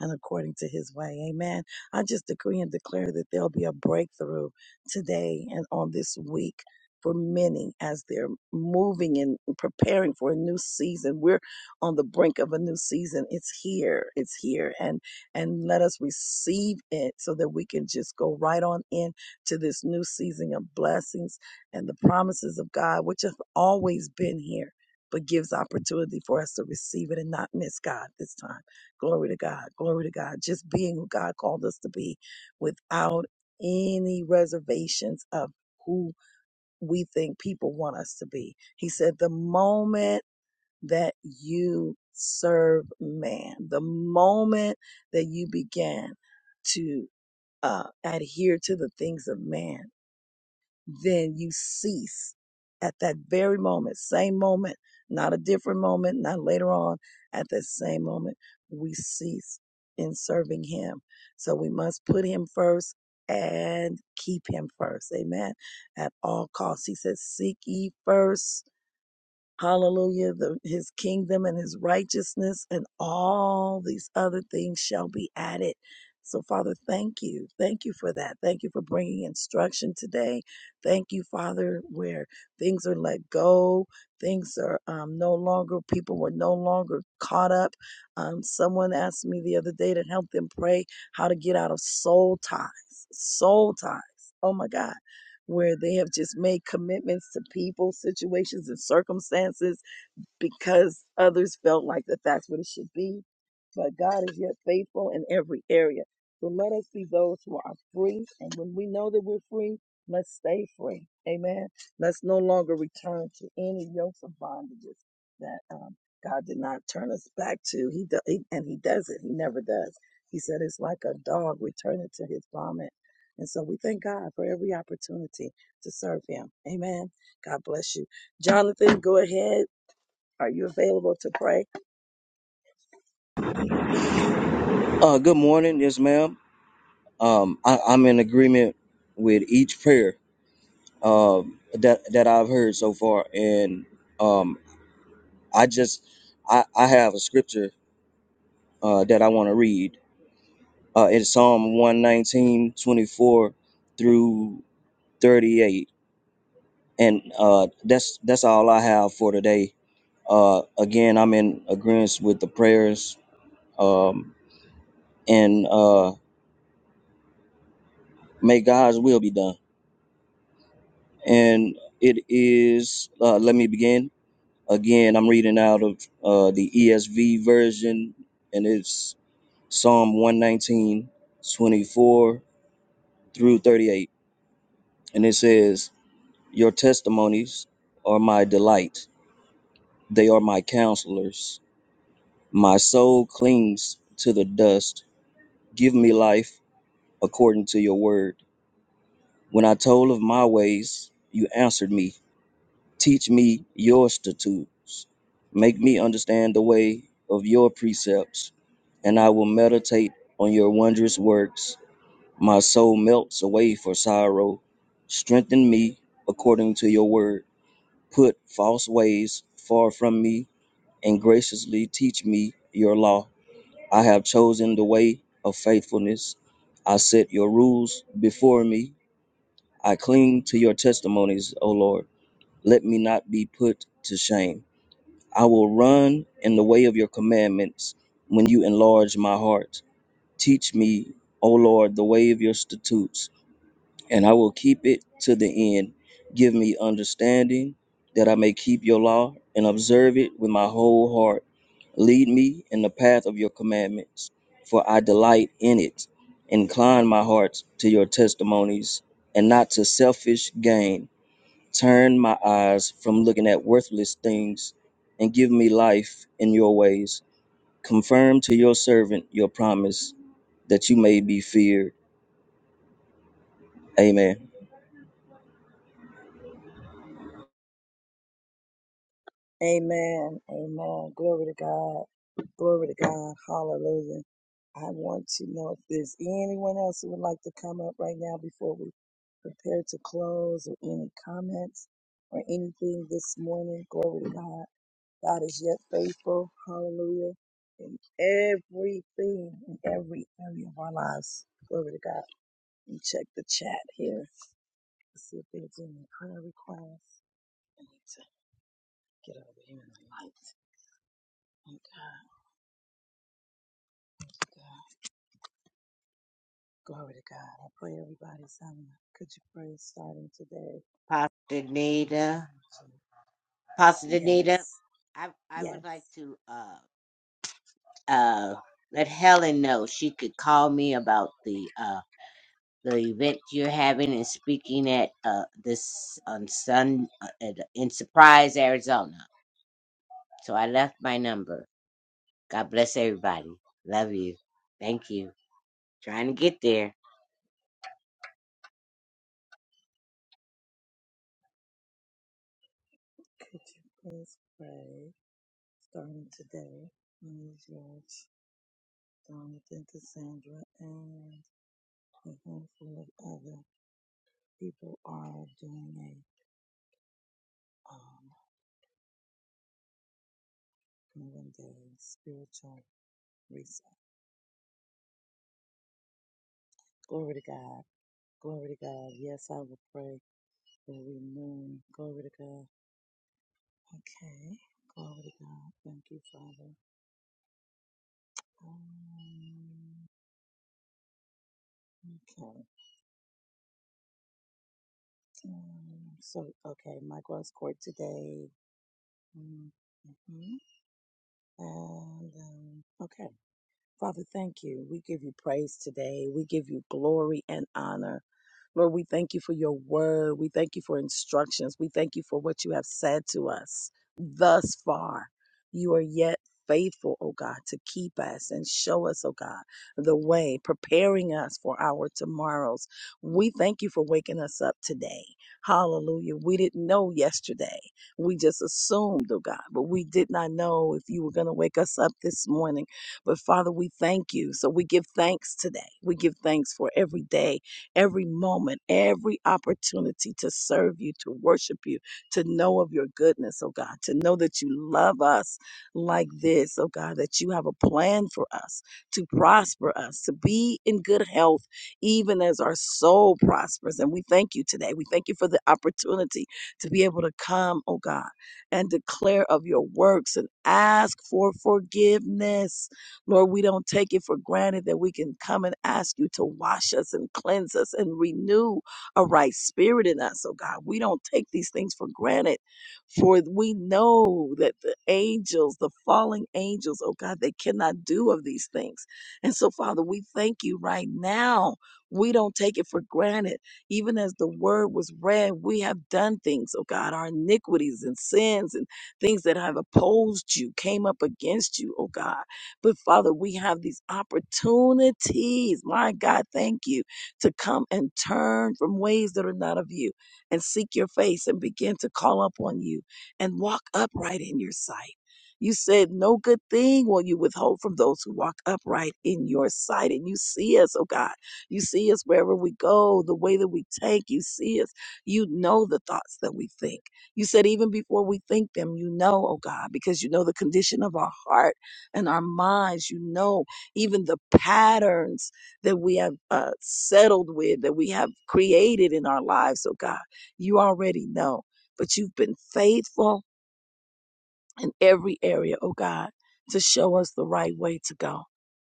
and according to his way. Amen. I just decree and declare that there'll be a breakthrough today and on this week for many as they're moving and preparing for a new season. We're on the brink of a new season. It's here. It's here. And and let us receive it so that we can just go right on in to this new season of blessings and the promises of God, which have always been here, but gives opportunity for us to receive it and not miss God this time. Glory to God. Glory to God. Just being who God called us to be without any reservations of who we think people want us to be. He said, the moment that you serve man, the moment that you begin to uh, adhere to the things of man, then you cease at that very moment, same moment, not a different moment, not later on, at that same moment, we cease in serving Him. So we must put Him first and keep Him first. Amen. At all costs. He says, Seek ye first. Hallelujah. The, his kingdom and his righteousness and all these other things shall be added. So, Father, thank you. Thank you for that. Thank you for bringing instruction today. Thank you, Father, where things are let go. Things are um, no longer, people were no longer caught up. Um, someone asked me the other day to help them pray how to get out of soul ties. Soul ties. Oh my God where they have just made commitments to people, situations, and circumstances because others felt like that that's what it should be. But God is yet faithful in every area. So let us be those who are free. And when we know that we're free, let's stay free. Amen. Let's no longer return to any yokes of bondages that um, God did not turn us back to. He, do, he and He does it. He never does. He said it's like a dog returning to his vomit. And so we thank God for every opportunity to serve Him. Amen. God bless you. Jonathan, go ahead. Are you available to pray? Uh, good morning, yes, ma'am. Um, I, I'm in agreement with each prayer um, that that I've heard so far, and um, I just I, I have a scripture uh, that I want to read. Uh, it's Psalm one nineteen twenty four through 38, and uh, that's that's all I have for today. Uh, again, I'm in agreement with the prayers, um, and uh, may God's will be done. and it is uh, let me begin again i'm reading out of uh, the esv version and it's psalm 119 24 through 38 and it says your testimonies are my delight they are my counselors my soul clings to the dust give me life according to your word when i told of my ways you answered me Teach me your statutes. Make me understand the way of your precepts, and I will meditate on your wondrous works. My soul melts away for sorrow. Strengthen me according to your word. Put false ways far from me, and graciously teach me your law. I have chosen the way of faithfulness. I set your rules before me. I cling to your testimonies, O Lord. Let me not be put to shame. I will run in the way of your commandments when you enlarge my heart. Teach me, O Lord, the way of your statutes, and I will keep it to the end. Give me understanding that I may keep your law and observe it with my whole heart. Lead me in the path of your commandments, for I delight in it. Incline my heart to your testimonies and not to selfish gain. Turn my eyes from looking at worthless things and give me life in your ways. Confirm to your servant your promise that you may be feared. Amen. Amen. Amen. Glory to God. Glory to God. Hallelujah. I want to know if there's anyone else who would like to come up right now before we prepare to close or any comments or anything this morning. Glory to God. God is yet faithful. Hallelujah. In everything, in every area of our lives. Glory to God. And check the chat here to see if there's any prayer requests. I need to Get over here in the light. Thank God, God. Glory to God. I pray everybody's on. Could you pray starting today? Pastor In the Danita. name of Jesus. Pastor Danita, Yes, I I would like yes. to uh uh let Helen know she could call me about the uh the event you're having and speaking at uh this on Sun uh, at, in Surprise, Arizona. So I left my number. God bless everybody. Love you. Thank you. Trying to get there. Could you please pray starting today? Ms. George, Jonathan, Cassandra, and a handful of other people are doing a um, one day spiritual reset. Glory to God. Glory to God. Yes, I will pray every noon. Glory to God. Okay. Glory to God. Thank you, Father. Um, okay. Um, so, okay, my growth court today. Mm-hmm. mm-hmm, And, um, okay. Father, thank you. We give you praise today. We give you glory and honor. Lord, we thank you for your word. We thank you for instructions. We thank you for what you have said to us thus far. You are yet faithful, oh God, to keep us and show us, oh God, the way, preparing us for our tomorrows. We thank you for waking us up today. Hallelujah. We didn't know yesterday. We just assumed, oh God, but we did not know if you were going to wake us up this morning. But Father, we thank you. So we give thanks today. We give thanks for every day, every moment, every opportunity to serve you, to worship you, to know of your goodness, oh God, to know that you love us like this, oh God, that you have a plan for us to prosper us, to be in good health, even as our soul prospers. And we thank you today. We thank you for the opportunity to be able to come, oh God, and declare of your works and ask for forgiveness Lord, we don't take it for granted that we can come and ask you to wash us and cleanse us and renew a right spirit in us, oh God. We don't take these things for granted, for we know that the angels, the falling angels, oh God, they cannot do of these things. And so, Father, we thank you right now. We don't take it for granted. Even as the word was read, we have done things, oh God, our iniquities and sins and things that have opposed you, came up against you, oh God. But Father, we have these opportunities, my God, thank you, to come and turn from ways that are not of you and seek your face and begin to call upon you and walk upright in your sight. You said, No good thing will you withhold from those who walk upright in your sight. And you see us, oh God. You see us wherever we go, the way that we take. You see us. You know the thoughts that we think. You said, Even before we think them, you know, oh God, because you know the condition of our heart and our minds, you know, even the patterns that we have uh, settled with, that we have created in our lives, oh God, you already know. But you've been faithful in every area, oh God, to show us the right way to go.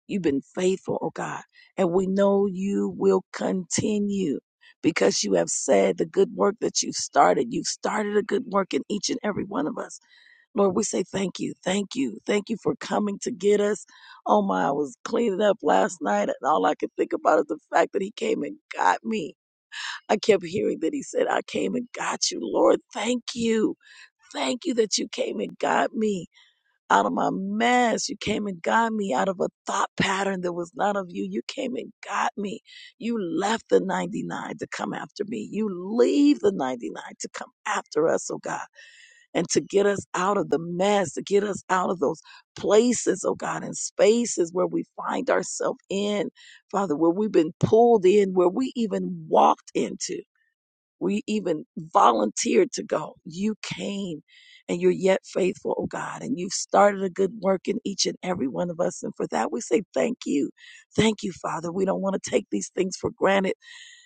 You've been faithful, oh God, and we know you will continue. Because you have said the good work that you've started, you've started a good work in each and every one of us Lord, we say thank you, thank you, thank you for coming to get us. Oh my, I was cleaning up last night and all I could think about is the fact that he came and got me. I kept hearing that he said, I came and got you, Lord. Thank you. Thank you that you came and got me out of my mess. You came and got me out of a thought pattern that was not of you. You came and got me. You left the 99 to come after me. You leave the 99 to come after us, oh God and to get us out of the mess, to get us out of those places, oh God, and spaces where we find ourselves in, Father, where we've been pulled in, where we even walked into, we even volunteered to go. You came and you're yet faithful, oh God, and you've started a good work in each and every one of us. And for that, we say thank you. Thank you, Father. We don't want to take these things for granted.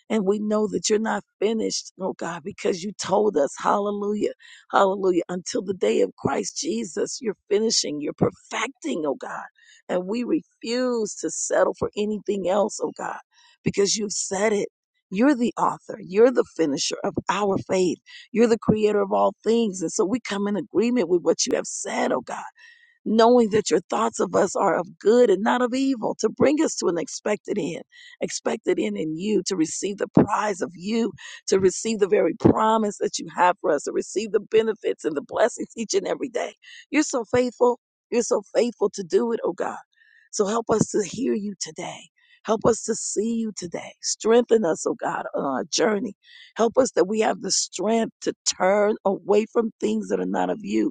And we know that you're not finished, oh God, because you told us, hallelujah, hallelujah, until the day of Christ Jesus, you're finishing, you're perfecting, oh God. And we refuse to settle for anything else, oh God, because you've said it. You're the author. You're the finisher of our faith. You're the creator of all things. And so we come in agreement with what you have said, oh God knowing that your thoughts of us are of good and not of evil, to bring us to an expected end, expected end in you, to receive the prize of you, to receive the very promise that you have for us, to receive the benefits and the blessings each and every day. You're so faithful. You're so faithful to do it, oh God. So help us to hear you today. Help us to see you today. Strengthen us, oh God, on our journey. Help us that we have the strength to turn away from things that are not of you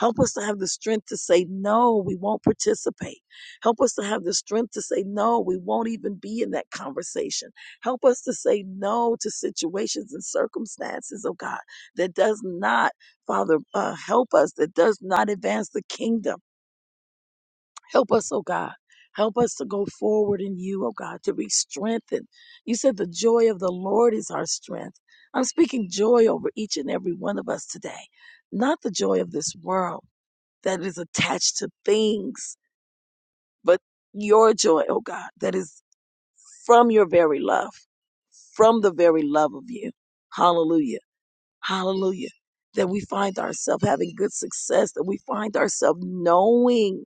Help us to have the strength to say, no, we won't participate. Help us to have the strength to say, no, we won't even be in that conversation. Help us to say no to situations and circumstances, oh God, that does not, Father, uh, help us, that does not advance the kingdom. Help us, oh God. Help us to go forward in you, oh God, to be strengthened. You said the joy of the Lord is our strength. I'm speaking joy over each and every one of us today, not the joy of this world that is attached to things, but your joy, oh God, that is from your very love, from the very love of you. Hallelujah. Hallelujah. That we find ourselves having good success, that we find ourselves knowing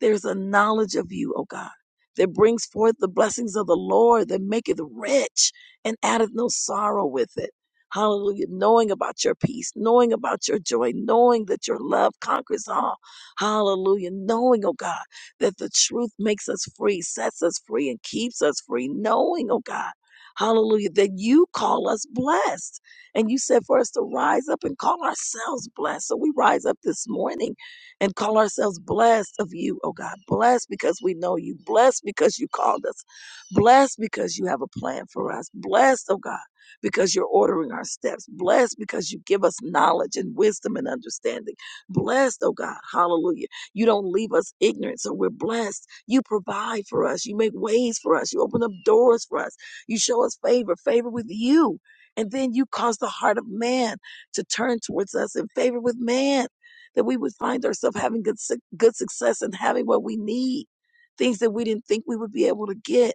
there's a knowledge of you, O God, that brings forth the blessings of the Lord, that maketh rich and addeth no sorrow with it. Hallelujah. Knowing about your peace, knowing about your joy, knowing that your love conquers all. Hallelujah. Knowing, oh God, that the truth makes us free, sets us free, and keeps us free. Knowing, oh God, hallelujah, that you call us blessed. And you said for us to rise up and call ourselves blessed. So we rise up this morning and call ourselves blessed of you, oh God. Blessed because we know you. Blessed because you called us. Blessed because you have a plan for us. Blessed, oh God, because you're ordering our steps. Blessed because you give us knowledge and wisdom and understanding. Blessed, oh God. Hallelujah. You don't leave us ignorant, so we're blessed. You provide for us. You make ways for us. You open up doors for us. You show us favor, favor with you. And then you cause the heart of man to turn towards us in favor with man that we would find ourselves having good suc- good success and having what we need, things that we didn't think we would be able to get.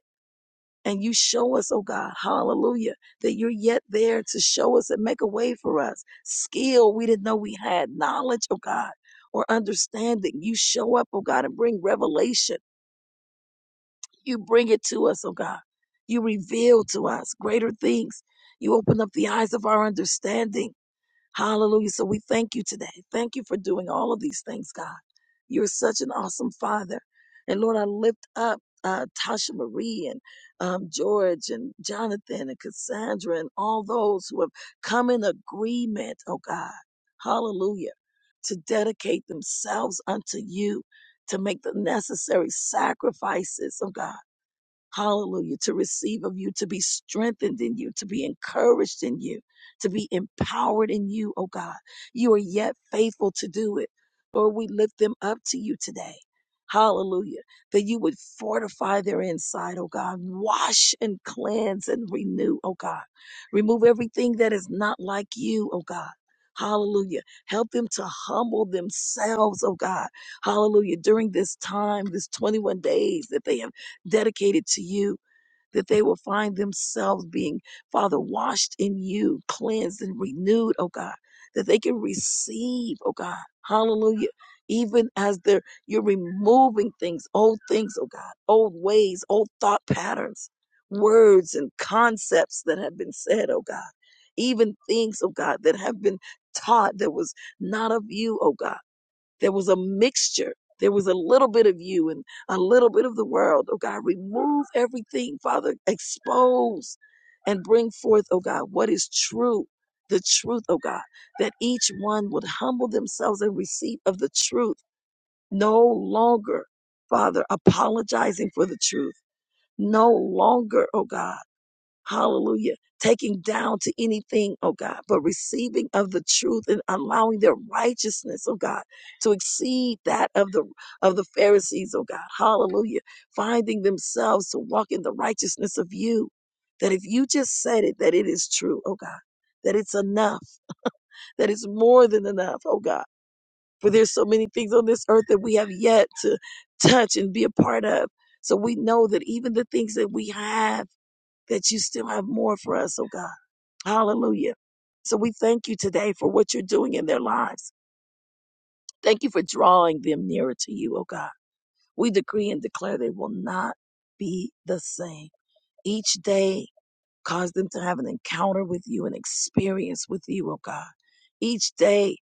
And you show us, oh God, hallelujah, that you're yet there to show us and make a way for us. Skill we didn't know we had, knowledge, oh God, or understanding. You show up, oh God, and bring revelation. You bring it to us, oh God. You reveal to us greater things. You open up the eyes of our understanding Hallelujah. So we thank you today. Thank you for doing all of these things, God. You're such an awesome father. And Lord, I lift up uh, Tasha Marie and um, George and Jonathan and Cassandra and all those who have come in agreement, oh God. Hallelujah. To dedicate themselves unto you, to make the necessary sacrifices, oh God Hallelujah. To receive of you, to be strengthened in you, to be encouraged in you, to be empowered in you, oh God. You are yet faithful to do it. Lord, we lift them up to you today. Hallelujah. That you would fortify their inside, oh God. Wash and cleanse and renew, oh God. Remove everything that is not like you, oh God. Hallelujah. Help them to humble themselves, oh God. Hallelujah. During this time, this 21 days that they have dedicated to you, that they will find themselves being, Father, washed in you, cleansed and renewed, oh God, that they can receive, oh God, hallelujah. Even as they're you're removing things, old things, oh God, old ways, old thought patterns, words and concepts that have been said, oh God, even things, oh God, that have been taught that was not of you, oh God. There was a mixture. There was a little bit of you and a little bit of the world. Oh God, remove everything, Father. Expose and bring forth, oh God, what is true. The truth, oh God, that each one would humble themselves and receive of the truth. No longer, Father, apologizing for the truth. No longer, oh God Hallelujah. Taking down to anything, oh God, but receiving of the truth and allowing their righteousness, oh God, to exceed that of the of the Pharisees, oh God. Hallelujah. Finding themselves to walk in the righteousness of you. That if you just said it, that it is true, oh God. That it's enough, that it's more than enough, oh God. For there's so many things on this earth that we have yet to touch and be a part of. So we know that even the things that we have, that you still have more for us, oh God. Hallelujah. So we thank you today for what you're doing in their lives. Thank you for drawing them nearer to you, oh God. We decree and declare they will not be the same. Each day Cause them to have an encounter with you, an experience with you, oh God. Each day,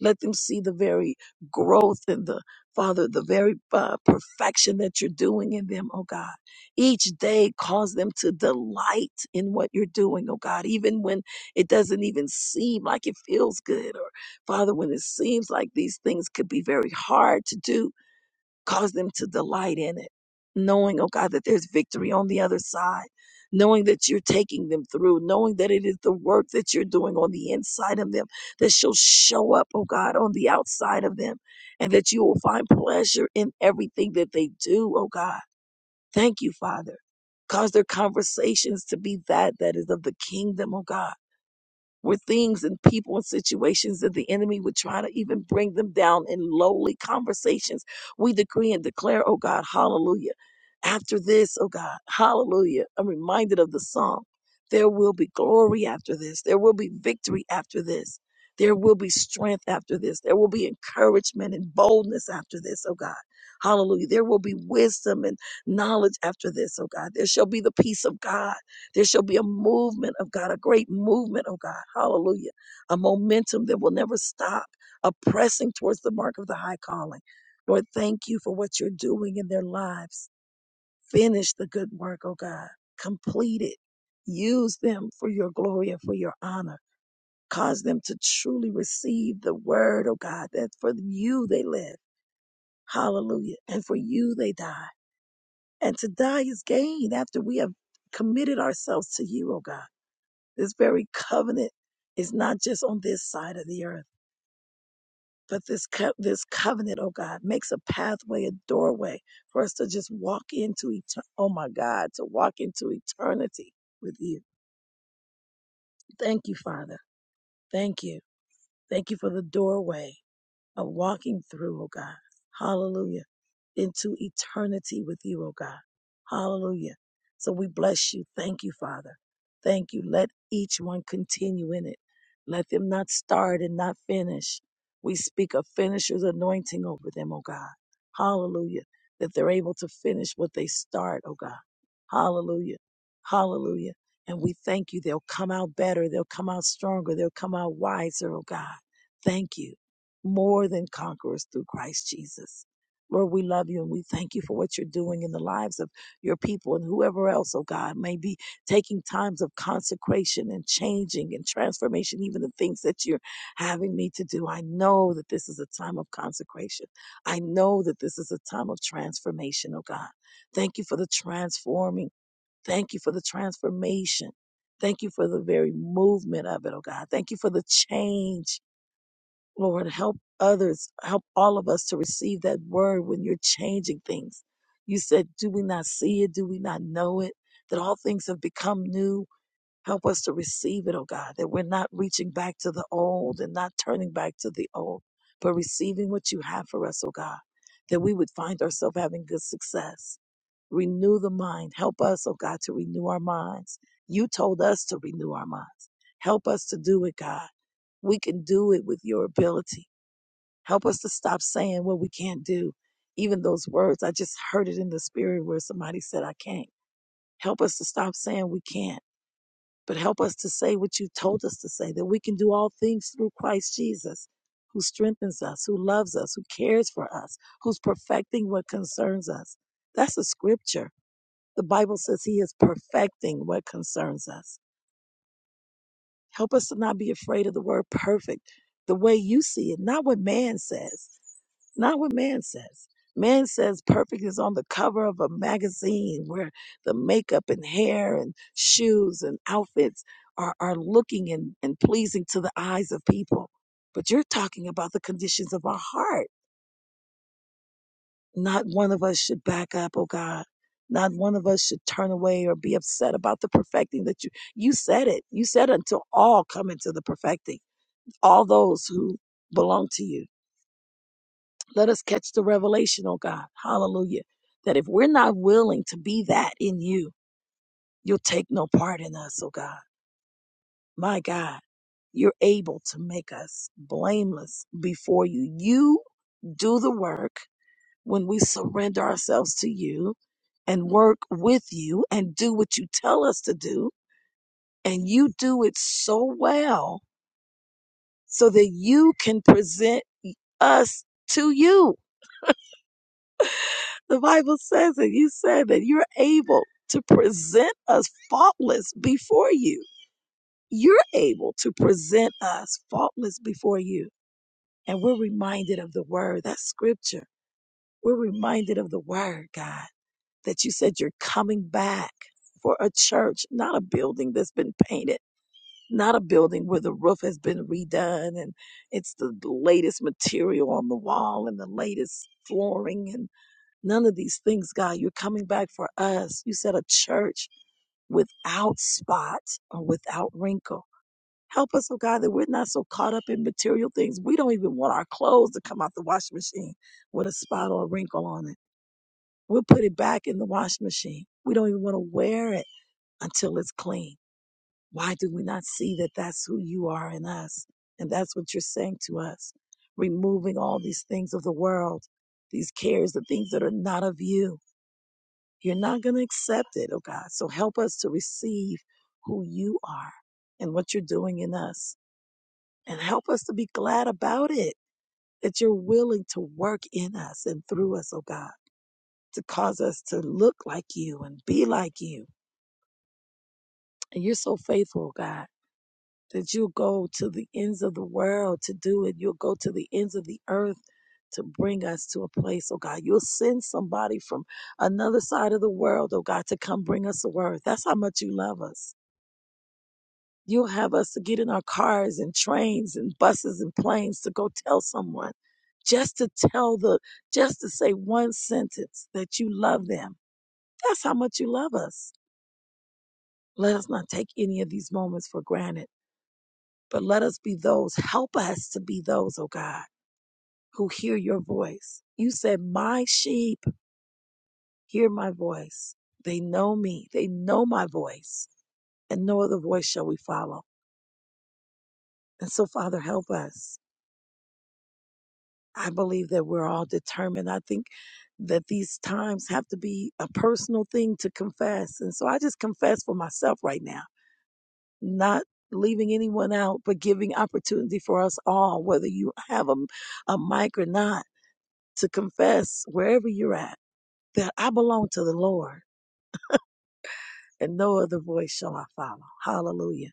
let them see the very growth and the, Father, the very uh, perfection that you're doing in them, oh God. Each day, cause them to delight in what you're doing, oh God, even when it doesn't even seem like it feels good, or Father, when it seems like these things could be very hard to do. Cause them to delight in it, knowing, oh God, that there's victory on the other side, knowing that you're taking them through, knowing that it is the work that you're doing on the inside of them that shall show up, oh God, on the outside of them, and that you will find pleasure in everything that they do, oh God. Thank you, Father. Cause their conversations to be that that is of the kingdom, oh God were things and people and situations that the enemy would try to even bring them down in lowly conversations. We decree and declare, oh God, hallelujah. After this, oh God, hallelujah. I'm reminded of the song. There will be glory after this. There will be victory after this. There will be strength after this. There will be encouragement and boldness after this, oh God. Hallelujah. There will be wisdom and knowledge after this, oh God. There shall be the peace of God there shall be a movement of God, a great movement of God. Hallelujah. A momentum that will never stop, a pressing towards the mark of the high calling. Lord, thank you for what you're doing in their lives. Finish the good work, oh God. Complete it. Use them for your glory and for your honor. Cause them to truly receive the word, oh God, that for you they live. Hallelujah. And for you they die. And to die is gain after we have committed ourselves to you, oh God. This very covenant is not just on this side of the earth, but this co- this covenant, oh God, makes a pathway, a doorway for us to just walk into eternity. Oh my God, to walk into eternity with you. Thank you, Father. Thank you. Thank you for the doorway of walking through, oh God. Hallelujah. Into eternity with you, oh God. Hallelujah. So we bless you. Thank you, Father. Thank you. Let each one continue in it. Let them not start and not finish. We speak of finisher's anointing over them, oh God. Hallelujah. That they're able to finish what they start, oh God. Hallelujah. Hallelujah. And we thank you. They'll come out better. They'll come out stronger. They'll come out wiser, oh God. Thank you more than conquerors through Christ Jesus. Lord, we love you and we thank you for what you're doing in the lives of your people and whoever else, oh God, may be taking times of consecration and changing and transformation, even the things that you're having me to do. I know that this is a time of consecration. I know that this is a time of transformation, oh God. Thank you for the transforming. Thank you for the transformation. Thank you for the very movement of it, oh God. Thank you for the change Lord, help others, help all of us to receive that word when you're changing things. You said, Do we not see it? Do we not know it? That all things have become new. Help us to receive it, oh God, that we're not reaching back to the old and not turning back to the old, but receiving what you have for us, oh God, that we would find ourselves having good success. Renew the mind. Help us, oh God, to renew our minds. You told us to renew our minds. Help us to do it, God. We can do it with your ability Help us to stop saying what we can't do. Even those words, I just heard it in the spirit where somebody said, I can't. Help us to stop saying we can't, but help us to say what you told us to say, that we can do all things through Christ Jesus, who strengthens us, who loves us, who cares for us, who's perfecting what concerns us. That's a scripture. The Bible says he is perfecting what concerns us. Help us to not be afraid of the word perfect the way you see it, not what man says Not what man says. Man says perfect is on the cover of a magazine where the makeup and hair and shoes and outfits are, are looking and, and pleasing to the eyes of people. But you're talking about the conditions of our heart. Not one of us should back up, oh God. Not one of us should turn away or be upset about the perfecting that you you said it. You said until all come into the perfecting, all those who belong to you. Let us catch the revelation, oh God. Hallelujah. That if we're not willing to be that in you, you'll take no part in us, oh God. My God, you're able to make us blameless before you. You do the work when we surrender ourselves to you and work with you and do what you tell us to do. And you do it so well so that you can present us to you The Bible says that you said that you're able to present us faultless before you. You're able to present us faultless before you. And we're reminded of the word, that scripture. We're reminded of the word, God, that you said you're coming back for a church, not a building that's been painted, not a building where the roof has been redone and it's the latest material on the wall and the latest flooring and None of these things, God. You're coming back for us. You said a church without spot or without wrinkle. Help us, oh God, that we're not so caught up in material things. We don't even want our clothes to come out the washing machine with a spot or a wrinkle on it. We'll put it back in the washing machine. We don't even want to wear it until it's clean. Why do we not see that that's who you are in us? And that's what you're saying to us, removing all these things of the world, these cares, the things that are not of you you're not going to accept it, oh God. So help us to receive who you are and what you're doing in us. And help us to be glad about it, that you're willing to work in us and through us, oh God, to cause us to look like you and be like you. And you're so faithful, oh God, that you'll go to the ends of the world to do it. You'll go to the ends of the earth to bring us to a place, oh God. You'll send somebody from another side of the world, oh God, to come bring us a word. That's how much you love us. You'll have us to get in our cars and trains and buses and planes to go tell someone, just to tell the, just to say one sentence that you love them. That's how much you love us. Let us not take any of these moments for granted, but let us be those, help us to be those, oh God, who hear your voice. You said, My sheep hear my voice. They know me, they know my voice, and no other voice shall we follow. And so, Father, help us. I believe that we're all determined. I think that these times have to be a personal thing to confess. And so I just confess for myself right now, not leaving anyone out, but giving opportunity for us all, whether you have a, a mic or not, to confess wherever you're at that I belong to the Lord and no other voice shall I follow. Hallelujah.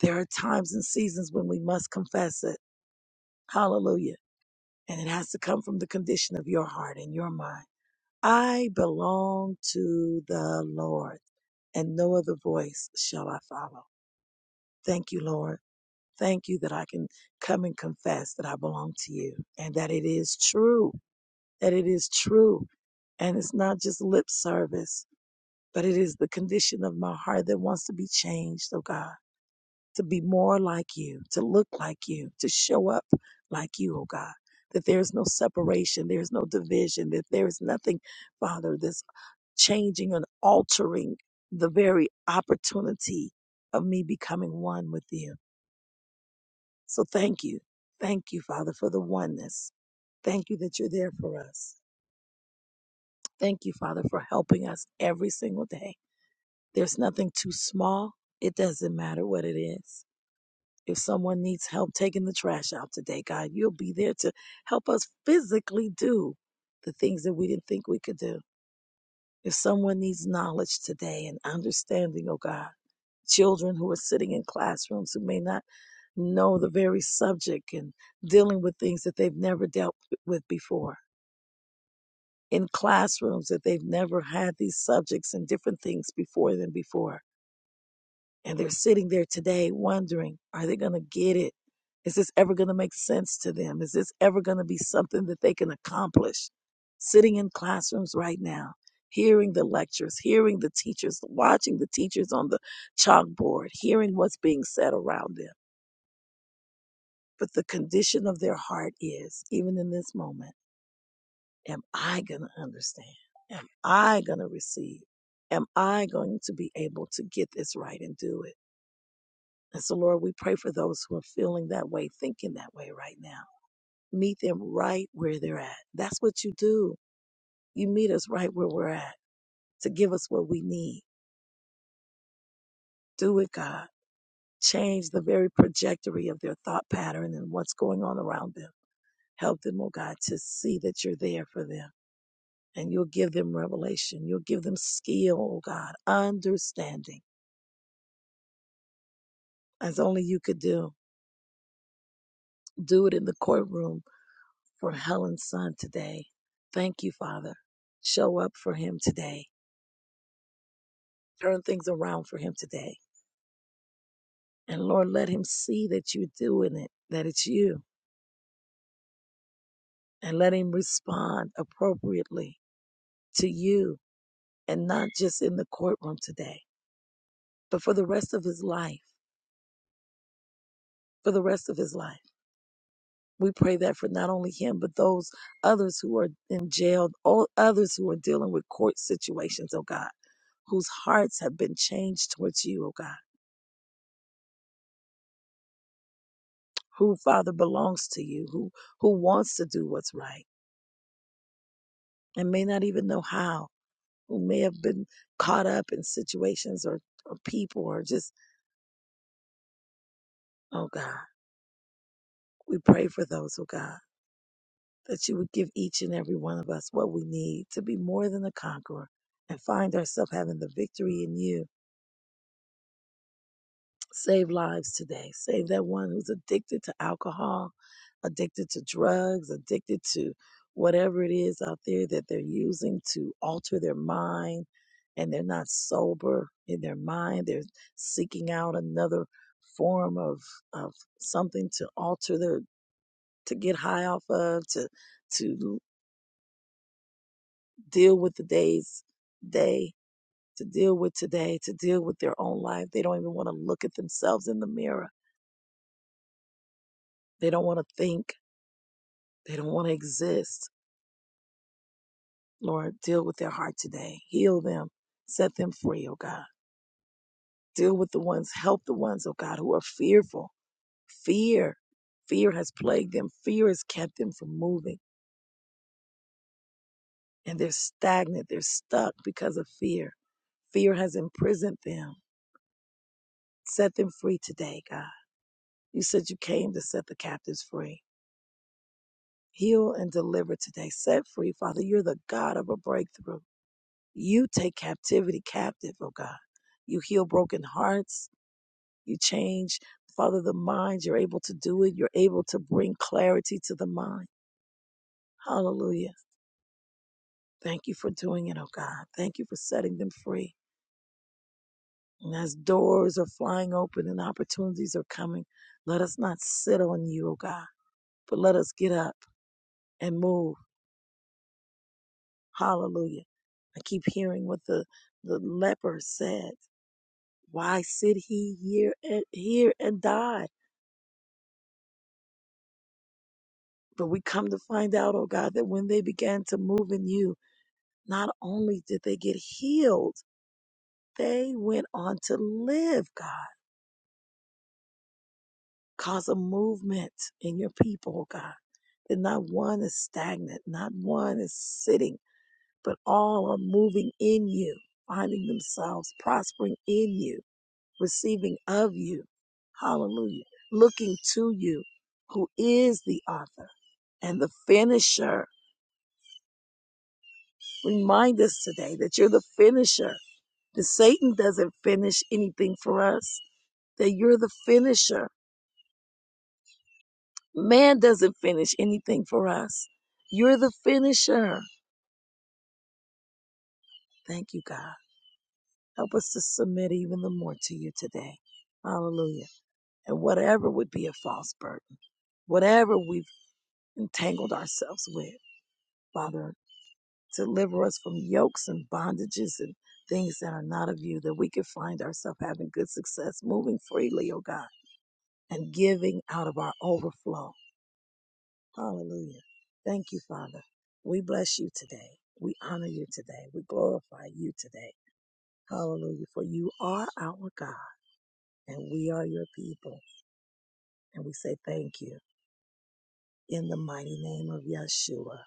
There are times and seasons when we must confess it. Hallelujah. And it has to come from the condition of your heart and your mind. I belong to the Lord, and no other voice shall I follow. Thank you, Lord. Thank you that I can come and confess that I belong to you and that it is true, that it is true. And it's not just lip service, but it is the condition of my heart that wants to be changed, oh God, to be more like you, to look like you, to show up like you, oh God. That there is no separation, there is no division, that there is nothing, Father, that's changing and altering the very opportunity of me becoming one with you. So thank you. Thank you, Father, for the oneness. Thank you that you're there for us. Thank you, Father, for helping us every single day. There's nothing too small. It doesn't matter what it is. If someone needs help taking the trash out today, God, you'll be there to help us physically do the things that we didn't think we could do. If someone needs knowledge today and understanding, oh God, children who are sitting in classrooms who may not know the very subject and dealing with things that they've never dealt with before, in classrooms that they've never had these subjects and different things before than before. And they're sitting there today wondering, are they going to get it? Is this ever going to make sense to them? Is this ever going to be something that they can accomplish? Sitting in classrooms right now, hearing the lectures, hearing the teachers, watching the teachers on the chalkboard, hearing what's being said around them. But the condition of their heart is, even in this moment, am I going to understand? Am I going to receive? Am I going to be able to get this right and do it? And so, Lord, we pray for those who are feeling that way, thinking that way right now. Meet them right where they're at. That's what you do. You meet us right where we're at to give us what we need. Do it, God. Change the very trajectory of their thought pattern and what's going on around them. Help them, oh God, to see that you're there for them. And you'll give them revelation. You'll give them skill, oh God, understanding, as only you could do. Do it in the courtroom for Helen's son today. Thank you, Father. Show up for him today. Turn things around for him today. And Lord, let him see that you're doing it, that it's you. And let him respond appropriately to you and not just in the courtroom today, but for the rest of his life, for the rest of his life. We pray that for not only him, but those others who are in jail, all others who are dealing with court situations, oh God, whose hearts have been changed towards you, oh God who father belongs to you who who wants to do what's right and may not even know how who may have been caught up in situations or, or people or just oh god we pray for those oh god that you would give each and every one of us what we need to be more than a conqueror and find ourselves having the victory in you Save lives today. Save that one who's addicted to alcohol, addicted to drugs, addicted to whatever it is out there that they're using to alter their mind and they're not sober in their mind. They're seeking out another form of, of something to alter their, to get high off of, to, to deal with the day's day, to deal with today, to deal with their own life. They don't even want to look at themselves in the mirror. They don't want to think They don't want to exist. Lord, deal with their heart today. Heal them. Set them free, oh God. Deal with the ones, help the ones, oh God, who are fearful. Fear. Fear has plagued them. Fear has kept them from moving. And they're stagnant. They're stuck because of fear. Fear has imprisoned them. Set them free today, God. You said you came to set the captives free. Heal and deliver today. Set free, Father. You're the God of a breakthrough. You take captivity captive, oh God. You heal broken hearts. You change, Father, the mind. You're able to do it. You're able to bring clarity to the mind. Hallelujah. Thank you for doing it, oh God. Thank you for setting them free. And as doors are flying open and opportunities are coming, let us not sit on you, oh God, but let us get up and move. Hallelujah. I keep hearing what the, the leper said. Why sit he here and, here and die? But we come to find out, oh God, that when they began to move in you, not only did they get healed, they went on to live, God. Cause a movement in your people, oh God. That not one is stagnant, not one is sitting, but all are moving in you, finding themselves prospering in you, receiving of you. Hallelujah. Looking to you, who is the author and the finisher Remind us today that you're the finisher, that Satan doesn't finish anything for us, that you're the finisher. Man doesn't finish anything for us. You're the finisher. Thank you, God. Help us to submit even the more to you today. Hallelujah. And whatever would be a false burden, whatever we've entangled ourselves with, Father, deliver us from yokes and bondages and things that are not of you, that we can find ourselves having good success, moving freely, oh God and giving out of our overflow. Hallelujah. Thank you, Father. We bless you today. We honor you today. We glorify you today. Hallelujah. For you are our God and we are your people. And we say thank you in the mighty name of Yeshua.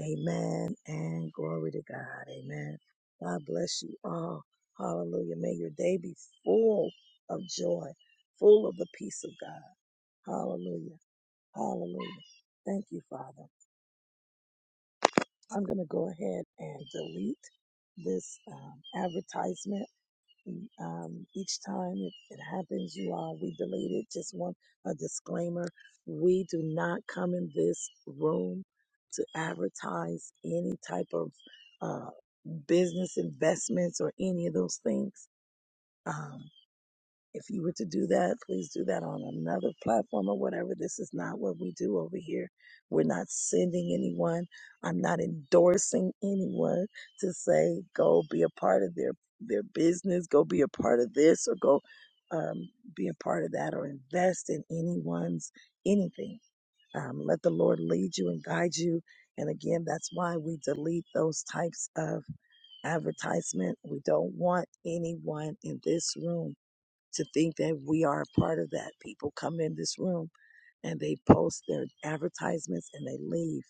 Amen and glory to God. Amen. God bless you all. Hallelujah. May your day be full of joy, full of the peace of God. Hallelujah. Hallelujah. Thank you, Father. I'm going to go ahead and delete this um, advertisement. mm, Um, each time it, it happens, you all, we delete it. Just one a disclaimer: we do not come in this room to advertise any type of uh, business investments or any of those things. Um, if you were to do that, please do that on another platform or whatever. This is not what we do over here. We're not sending anyone. I'm not endorsing anyone to say go be a part of their their business, go be a part of this, or go um, be a part of that, or invest in anyone's anything. Um, let the Lord lead you and guide you. And again, that's why we delete those types of advertisement. We don't want anyone in this room to think that we are a part of that. People come in this room and they post their advertisements and they leave.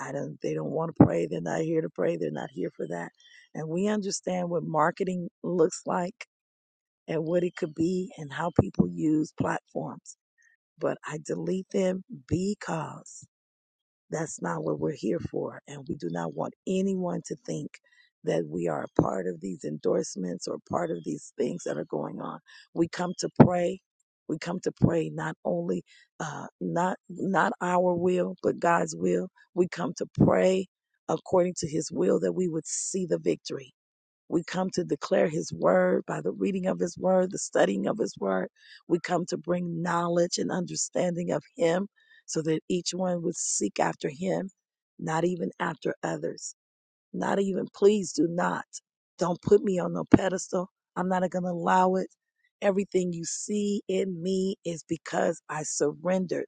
I don't they don't want to pray. They're not here to pray. They're not here for that. And we understand what marketing looks like and what it could be and how people use platforms. But I delete them because that's not what we're here for. And we do not want anyone to think that we are a part of these endorsements or part of these things that are going on. We come to pray. We come to pray not only uh, not not our will, but God's will. We come to pray according to His will that we would see the victory we come to declare His word by the reading of His word, the studying of His word. We come to bring knowledge and understanding of Him so that each one would seek after Him, not even after others. Not even, please do not. Don't put me on no pedestal. I'm not going to allow it. Everything you see in me is because I surrendered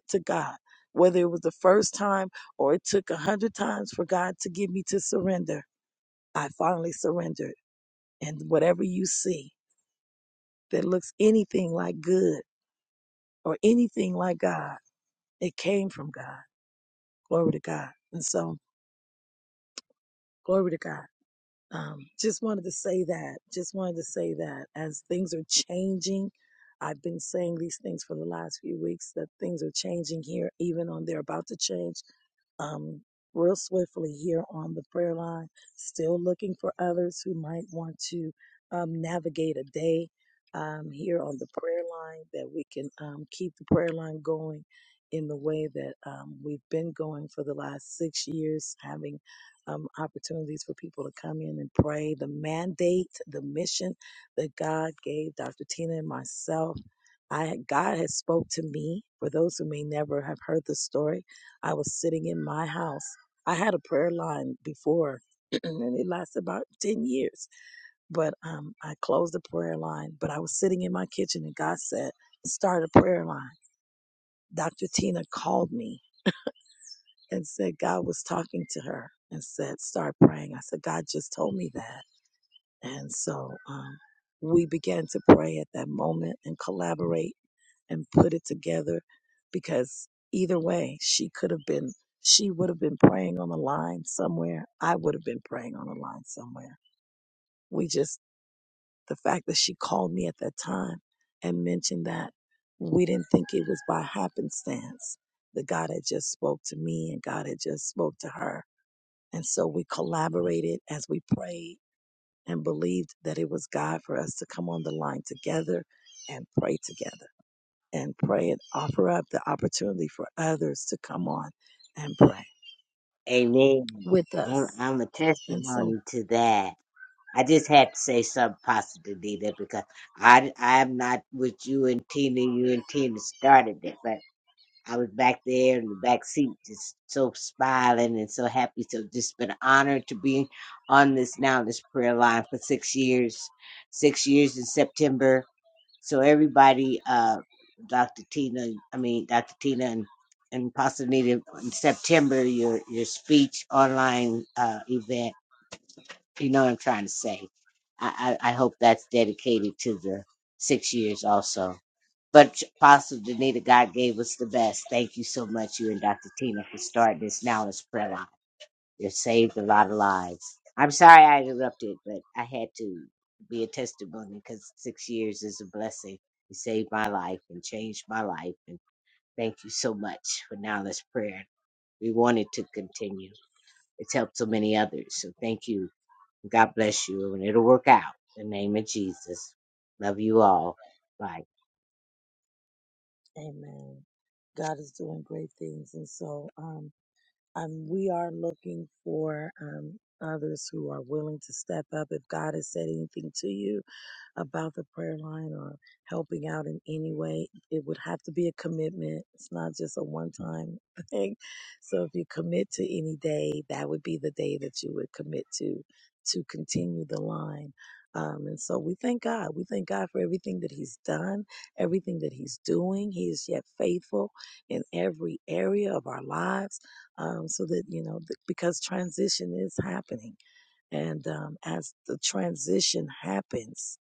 to God. Whether it was the first time or it took a hundred times for God to get me to surrender, I finally surrendered and whatever you see that looks anything like good or anything like God, it came from God. Glory to God. And so, glory to God. Um, just wanted to say that. Just wanted to say that as things are changing, I've been saying these things for the last few weeks that things are changing here, even on they're about to change um, real swiftly here on the prayer line, still looking for others who might want to um, navigate a day um, here on the prayer line that we can um, keep the prayer line going in the way that um, we've been going for the last six years, having um, opportunities for people to come in and pray. The mandate, the mission that God gave Dr. Tina and myself. I, God has spoke to me. For those who may never have heard the story, I was sitting in my house. I had a prayer line before, and it lasted about ten years. But um, I closed the prayer line. But I was sitting in my kitchen, and God said, "Start a prayer line." Dr. Tina called me and said God was talking to her and said, start praying. I said, God just told me that. And so um, we began to pray at that moment and collaborate and put it together because either way, she could have been, she would have been praying on the line somewhere. I would have been praying on the line somewhere. We just, the fact that she called me at that time and mentioned that we didn't think it was by happenstance that God had just spoke to me and God had just spoke to her and so we collaborated as we prayed and believed that it was God for us to come on the line together and pray together and pray and offer up the opportunity for others to come on and pray Amen. with us. I'm I'm a And so, testimony to that. I just had to say something positive, Nita, because I I'm not with you and Tina. You and Tina started it, but I was back there in the back seat, just so smiling and so happy. So just been honored to be on this now this prayer line for six years, six years in September. So everybody, uh, Dr. Tina, I mean Dr. Tina and and Pastor Nita in September, your your speech online uh, event. You know what I'm trying to say. I, I, I hope that's dedicated to the six years also. But Apostle Danita, God gave us the best. Thank you so much, you and Dr. Tina, for starting this now let's this prayer line. You've saved a lot of lives. I'm sorry I interrupted, but I had to be a testimony because six years is a blessing. You saved my life and changed my life. And thank you so much for now Let's prayer. We wanted to continue. It's helped so many others. So thank you God bless you, and it'll work out. In the name of Jesus. Love you all. Bye. amen. God is doing great things. And so, um, Um, we are looking for um, others who are willing to step up. If God has said anything to you, about the prayer line or helping out in any way, it would have to be a commitment. It's not just a one time thing. So if you commit to any day, that would be the day that you would commit to to continue the line. Um, and so we thank God. We thank God for everything that He's done, everything that He's doing. He is yet faithful in every area of our lives. Um, so that, you know, th- because transition is happening. And um, as the transition happens,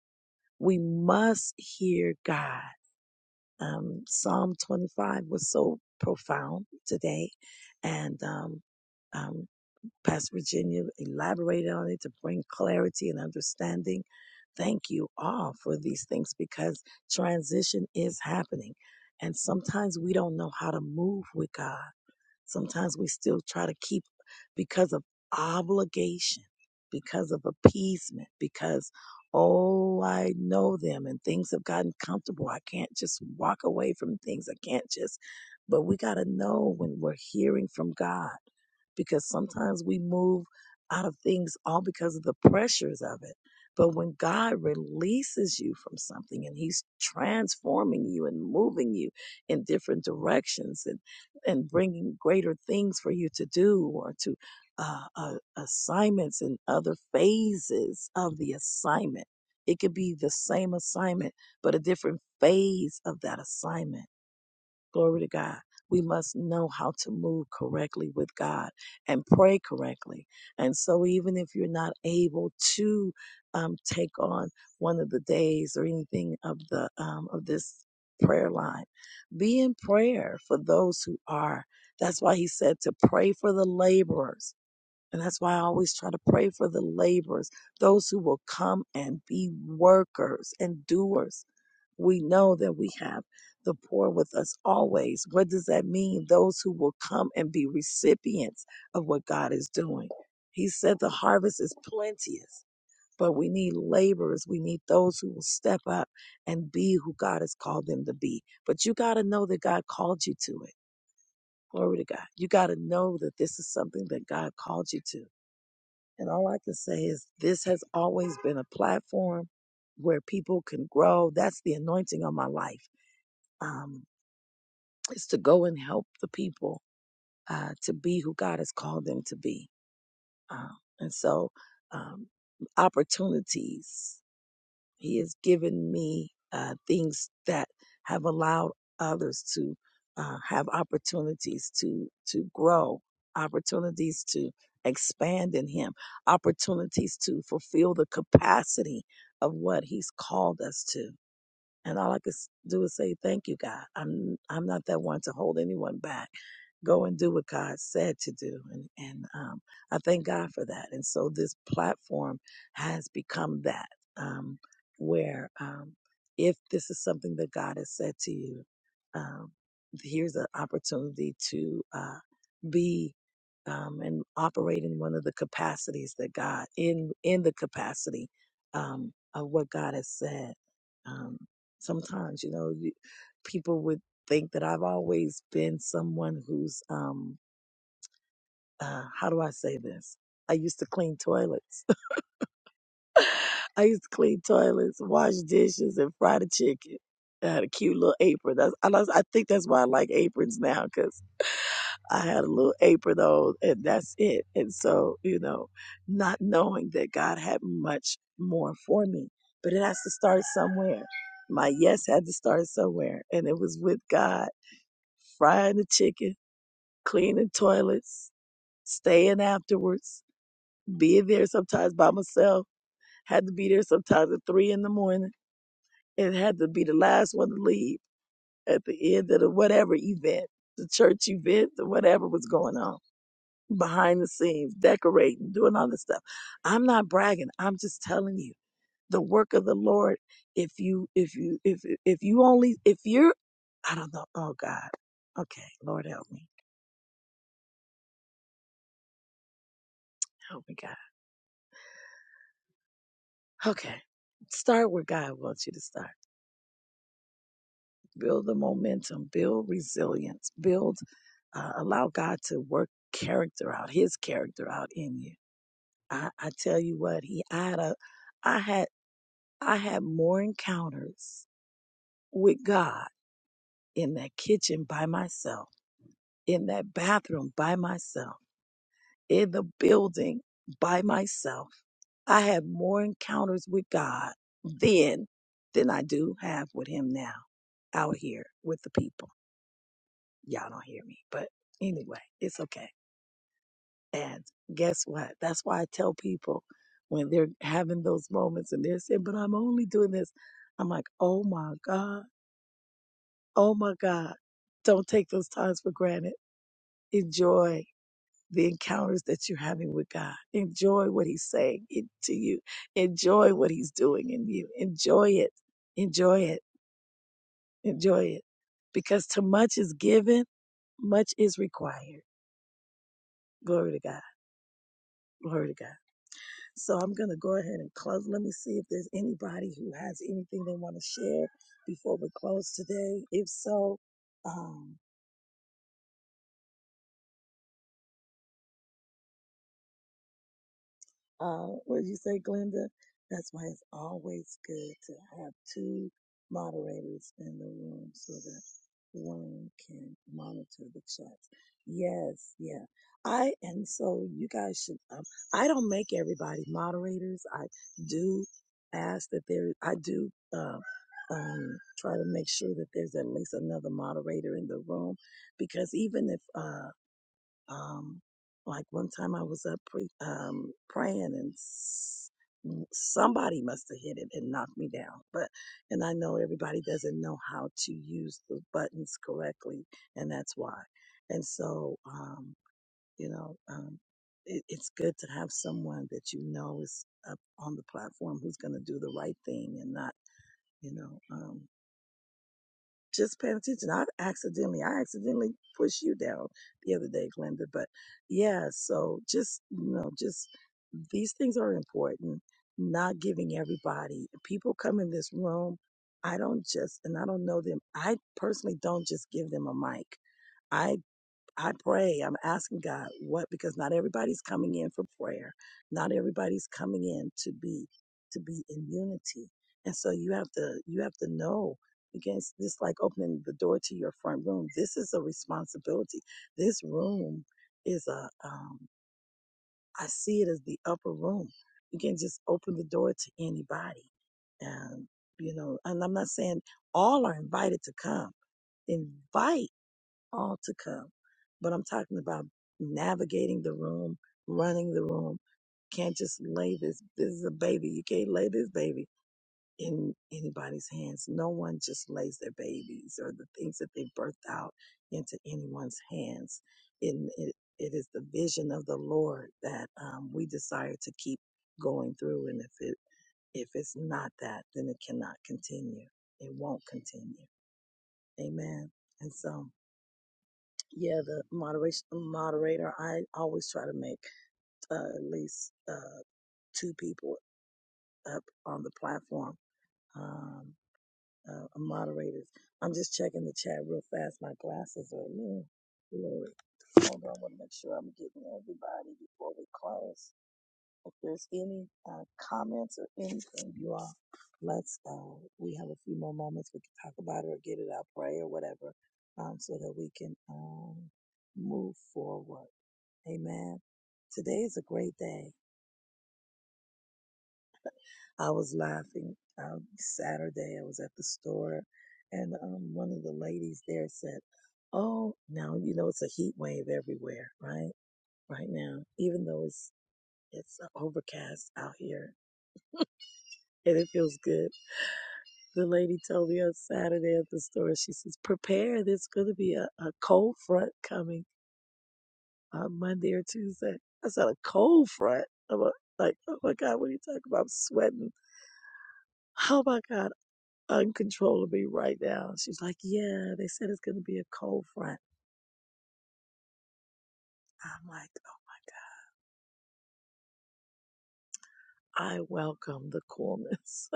we must hear God. Um, Psalm 25 was so profound today, and um, um, Pastor Virginia elaborated on it to bring clarity and understanding. Thank you all for these things because transition is happening, and sometimes we don't know how to move with God Sometimes we still try to keep because of obligation, because of appeasement, because, oh, I know them and things have gotten comfortable. I can't just walk away from things. I can't just, but we got to know when we're hearing from God because sometimes we move out of things all because of the pressures of it. But when God releases you from something and He's transforming you and moving you in different directions and and bringing greater things for you to do or to uh, uh, assignments and other phases of the assignment. It could be the same assignment, but a different phase of that assignment Glory to God. We must know how to move correctly with God and pray correctly. And so, even if you're not able to um, take on one of the days or anything of the um, of this prayer line, be in prayer for those who are. That's why he said to pray for the laborers. And that's why I always try to pray for the laborers, those who will come and be workers and doers we know that we have the poor with us always. What does that mean? Those who will come and be recipients of what God is doing. He said the harvest is plenteous, but we need laborers. We need those who will step up and be who God has called them to be. But you got to know that God called you to it. Glory to God. You got to know that this is something that God called you to. And all I can say is this has always been a platform where people can grow. That's the anointing on my life um, is to go and help the people uh, to be who God has called them to be. Um, and so, um, opportunities, He has given me uh, things that have allowed others to uh, have opportunities to to grow, opportunities to expand in Him, opportunities to fulfill the capacity of what He's called us to. And all I could s- do is say, thank you, God. I'm, I'm not that one to hold anyone back. Go and do what God said to do. And, and um, I thank God for that. And so this platform has become that, um, where um, if this is something that God has said to you, um, here's an opportunity to uh, be um, and operate in one of the capacities that God in in the capacity um, of what God has said. Um, sometimes, you know, you, people would think that I've always been someone who's um uh how do I say this? I used to clean toilets. I used to clean toilets, wash dishes, and fry the chicken. I had a cute little apron. That's I, I think that's why I like aprons now because I had a little apron on, and that's it. And so you know, not knowing that God had much more for me, but it has to start somewhere. My yes had to start somewhere, and it was with God frying the chicken cleaning toilets, staying afterwards, being there sometimes by myself. Had to be there sometimes at three in the morning, and had to be the last one to leave at the end of the whatever event, the church event, the whatever was going on behind the scenes, decorating, doing all this stuff. I'm not bragging. I'm just telling you the work of the Lord. If you, if you, if if you only, if you're, I don't know. Oh God. Okay, Lord help me. Help me, God. Okay. Start where God wants you to start. Build the momentum, build resilience, build, uh, allow God to work character out, his character out in you. I, I tell you what, he, I had a, I had, I had more encounters with God in that kitchen by myself, in that bathroom by myself in the building by myself. I had more encounters with God then than I do have with Him now out here with the people. Y'all don't hear me, but anyway, it's okay. And guess what? That's why I tell people when they're having those moments and they're saying, but I'm only doing this. I'm like, oh my God, oh my God. Don't take those times for granted. Enjoy. the encounters that you're having with God. Enjoy what He's saying in- to you. Enjoy what He's doing in you. Enjoy it. Enjoy it. Enjoy it. Because to much is given, much is required. Glory to God. Glory to God. So I'm going to go ahead and close. Let me see if there's anybody who has anything they want to share before we close today. If so, um, Uh, what did you say, Glenda? That's why it's always good to have two moderators in the room so that one can monitor the chats. Yes, yeah. I, and so you guys should, um, I don't make everybody moderators. I do ask that there, I do, uh, um, try to make sure that there's at least another moderator in the room because even if, uh. Um, like one time I was up pre- um, praying and s- somebody must have hit it and knocked me down. But, and I know everybody doesn't know how to use the buttons correctly, and that's why. And so, um, you know, um, it, it's good to have someone that you know is up on the platform who's going to do the right thing and not, you know, um, just paying attention. I accidentally, I accidentally pushed you down the other day, Glenda. But yeah, so just you know, just these things are important. Not giving everybody people come in this room. I don't just, and I don't know them. I personally don't just give them a mic. I. I pray. I'm asking God what because not everybody's coming in for prayer. Not everybody's coming in to be to be in unity. And so you have to you have to know against this like opening the door to your front room. This is a responsibility. This room is a um I see it as the upper room. You can just open the door to anybody. And you know, and I'm not saying all are invited to come invite all to come. But I'm talking about navigating the room, running the room. Can't just lay this. This is a baby. You can't lay this baby in anybody's hands. No one just lays their babies or the things that they birthed out into anyone's hands. And it, it is the vision of the Lord that um, we desire to keep going through. And if it if it's not that, then it cannot continue. It won't continue. Amen. And so. Yeah, the moderation moderator. I always try to make uh, at least uh, two people up on the platform. Um, uh, moderators. I'm just checking the chat real fast. My glasses are new. Glory. Hold on. I want to make sure I'm getting everybody before we close. If there's any uh, comments or anything, you all, let's. Uh, we have a few more moments. We can talk about it or get it out, pray or whatever, um, so that we can um, move forward. Amen. Today is a great day. I was laughing um, Saturday. I was at the store, and um, one of the ladies there said, "Oh, now you know it's a heat wave everywhere, right? Right now, even though it's it's overcast out here, and it feels good." The lady told me on Saturday at the store, she says, "Prepare. There's going to be a, a cold front coming on Monday or Tuesday." I said, "A cold front." I'm like, "Oh my God, what are you talking about? I'm sweating." Oh my God, uncontrollably right now. She's like, yeah, they said it's going to be a cold front. I'm like, oh my God, I welcome the coolness.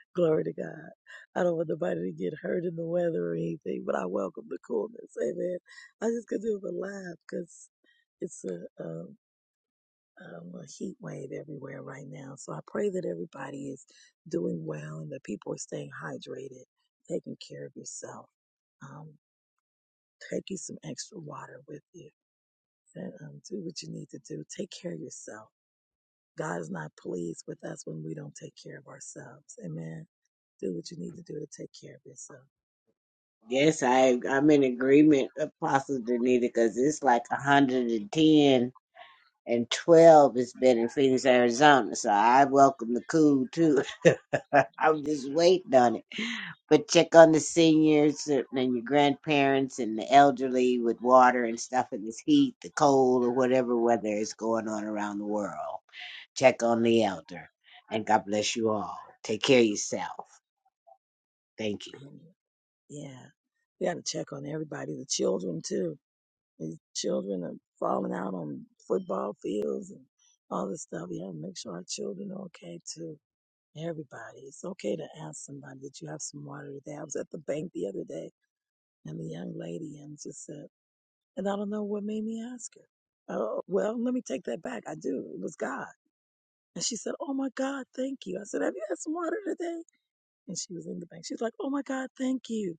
Glory to God. I don't want nobody to get hurt in the weather or anything, but I welcome the coolness. Amen. I just could do it with a laugh because it's a, um, um, a heat wave everywhere right now. So I pray that everybody is doing well and that people are staying hydrated, taking care of yourself. Um, taking some extra water with you and um, do what you need to do. Take care of yourself. God is not pleased with us when we don't take care of ourselves. Amen. Do what you need to do to take care of yourself. Yes, I I'm in agreement, Apostle Danita, because it's like 110 and ten and 12 has been in Phoenix, Arizona. So I welcome the cool too. I'm just waiting on it. But check on the seniors and your grandparents and the elderly with water and stuff in this heat, the cold, or whatever weather is going on around the world. check on the elder. And God bless you all. Take care of yourself. Thank you. Amen. Yeah. We got to check on everybody, the children too. These children are falling out on football fields and all this stuff. We have to make sure our children are okay too. Everybody, it's okay to ask somebody that you have some water today. I was at the bank the other day, and the young lady and just said, and I don't know what made me ask her. Oh, well, let me take that back. I do. It was God. And she said, Oh my God, thank you. I said, Have you had some water today? And she was in the bank. She's like, Oh my God, thank you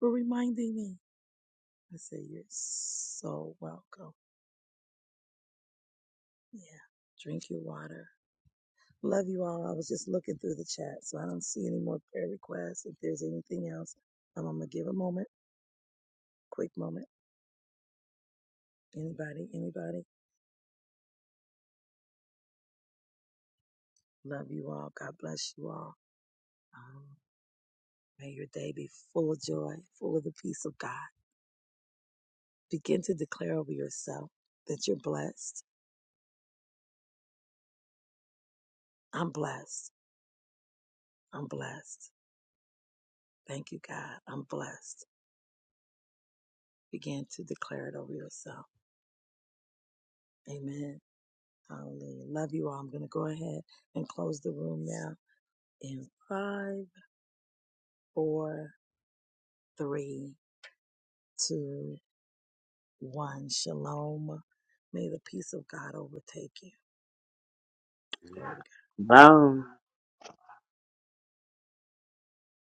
for reminding me. I said, You're so welcome. Yeah. Drink your water. Love you all. I was just looking through the chat, so I don't see any more prayer requests. If there's anything else, I'm gonna give a moment Quick moment. Anybody? Anybody? Love you all. God bless you all. Um, may your day be full of joy, full of the peace of God. Begin to declare over yourself that you're blessed. I'm blessed. I'm blessed. Thank you, God. I'm blessed. Begin to declare it over yourself. Amen. Hallelujah. Love you all. I'm going to go ahead and close the room now in five, four, three, two, one. Shalom. May the peace of God overtake you. Glory to Bye.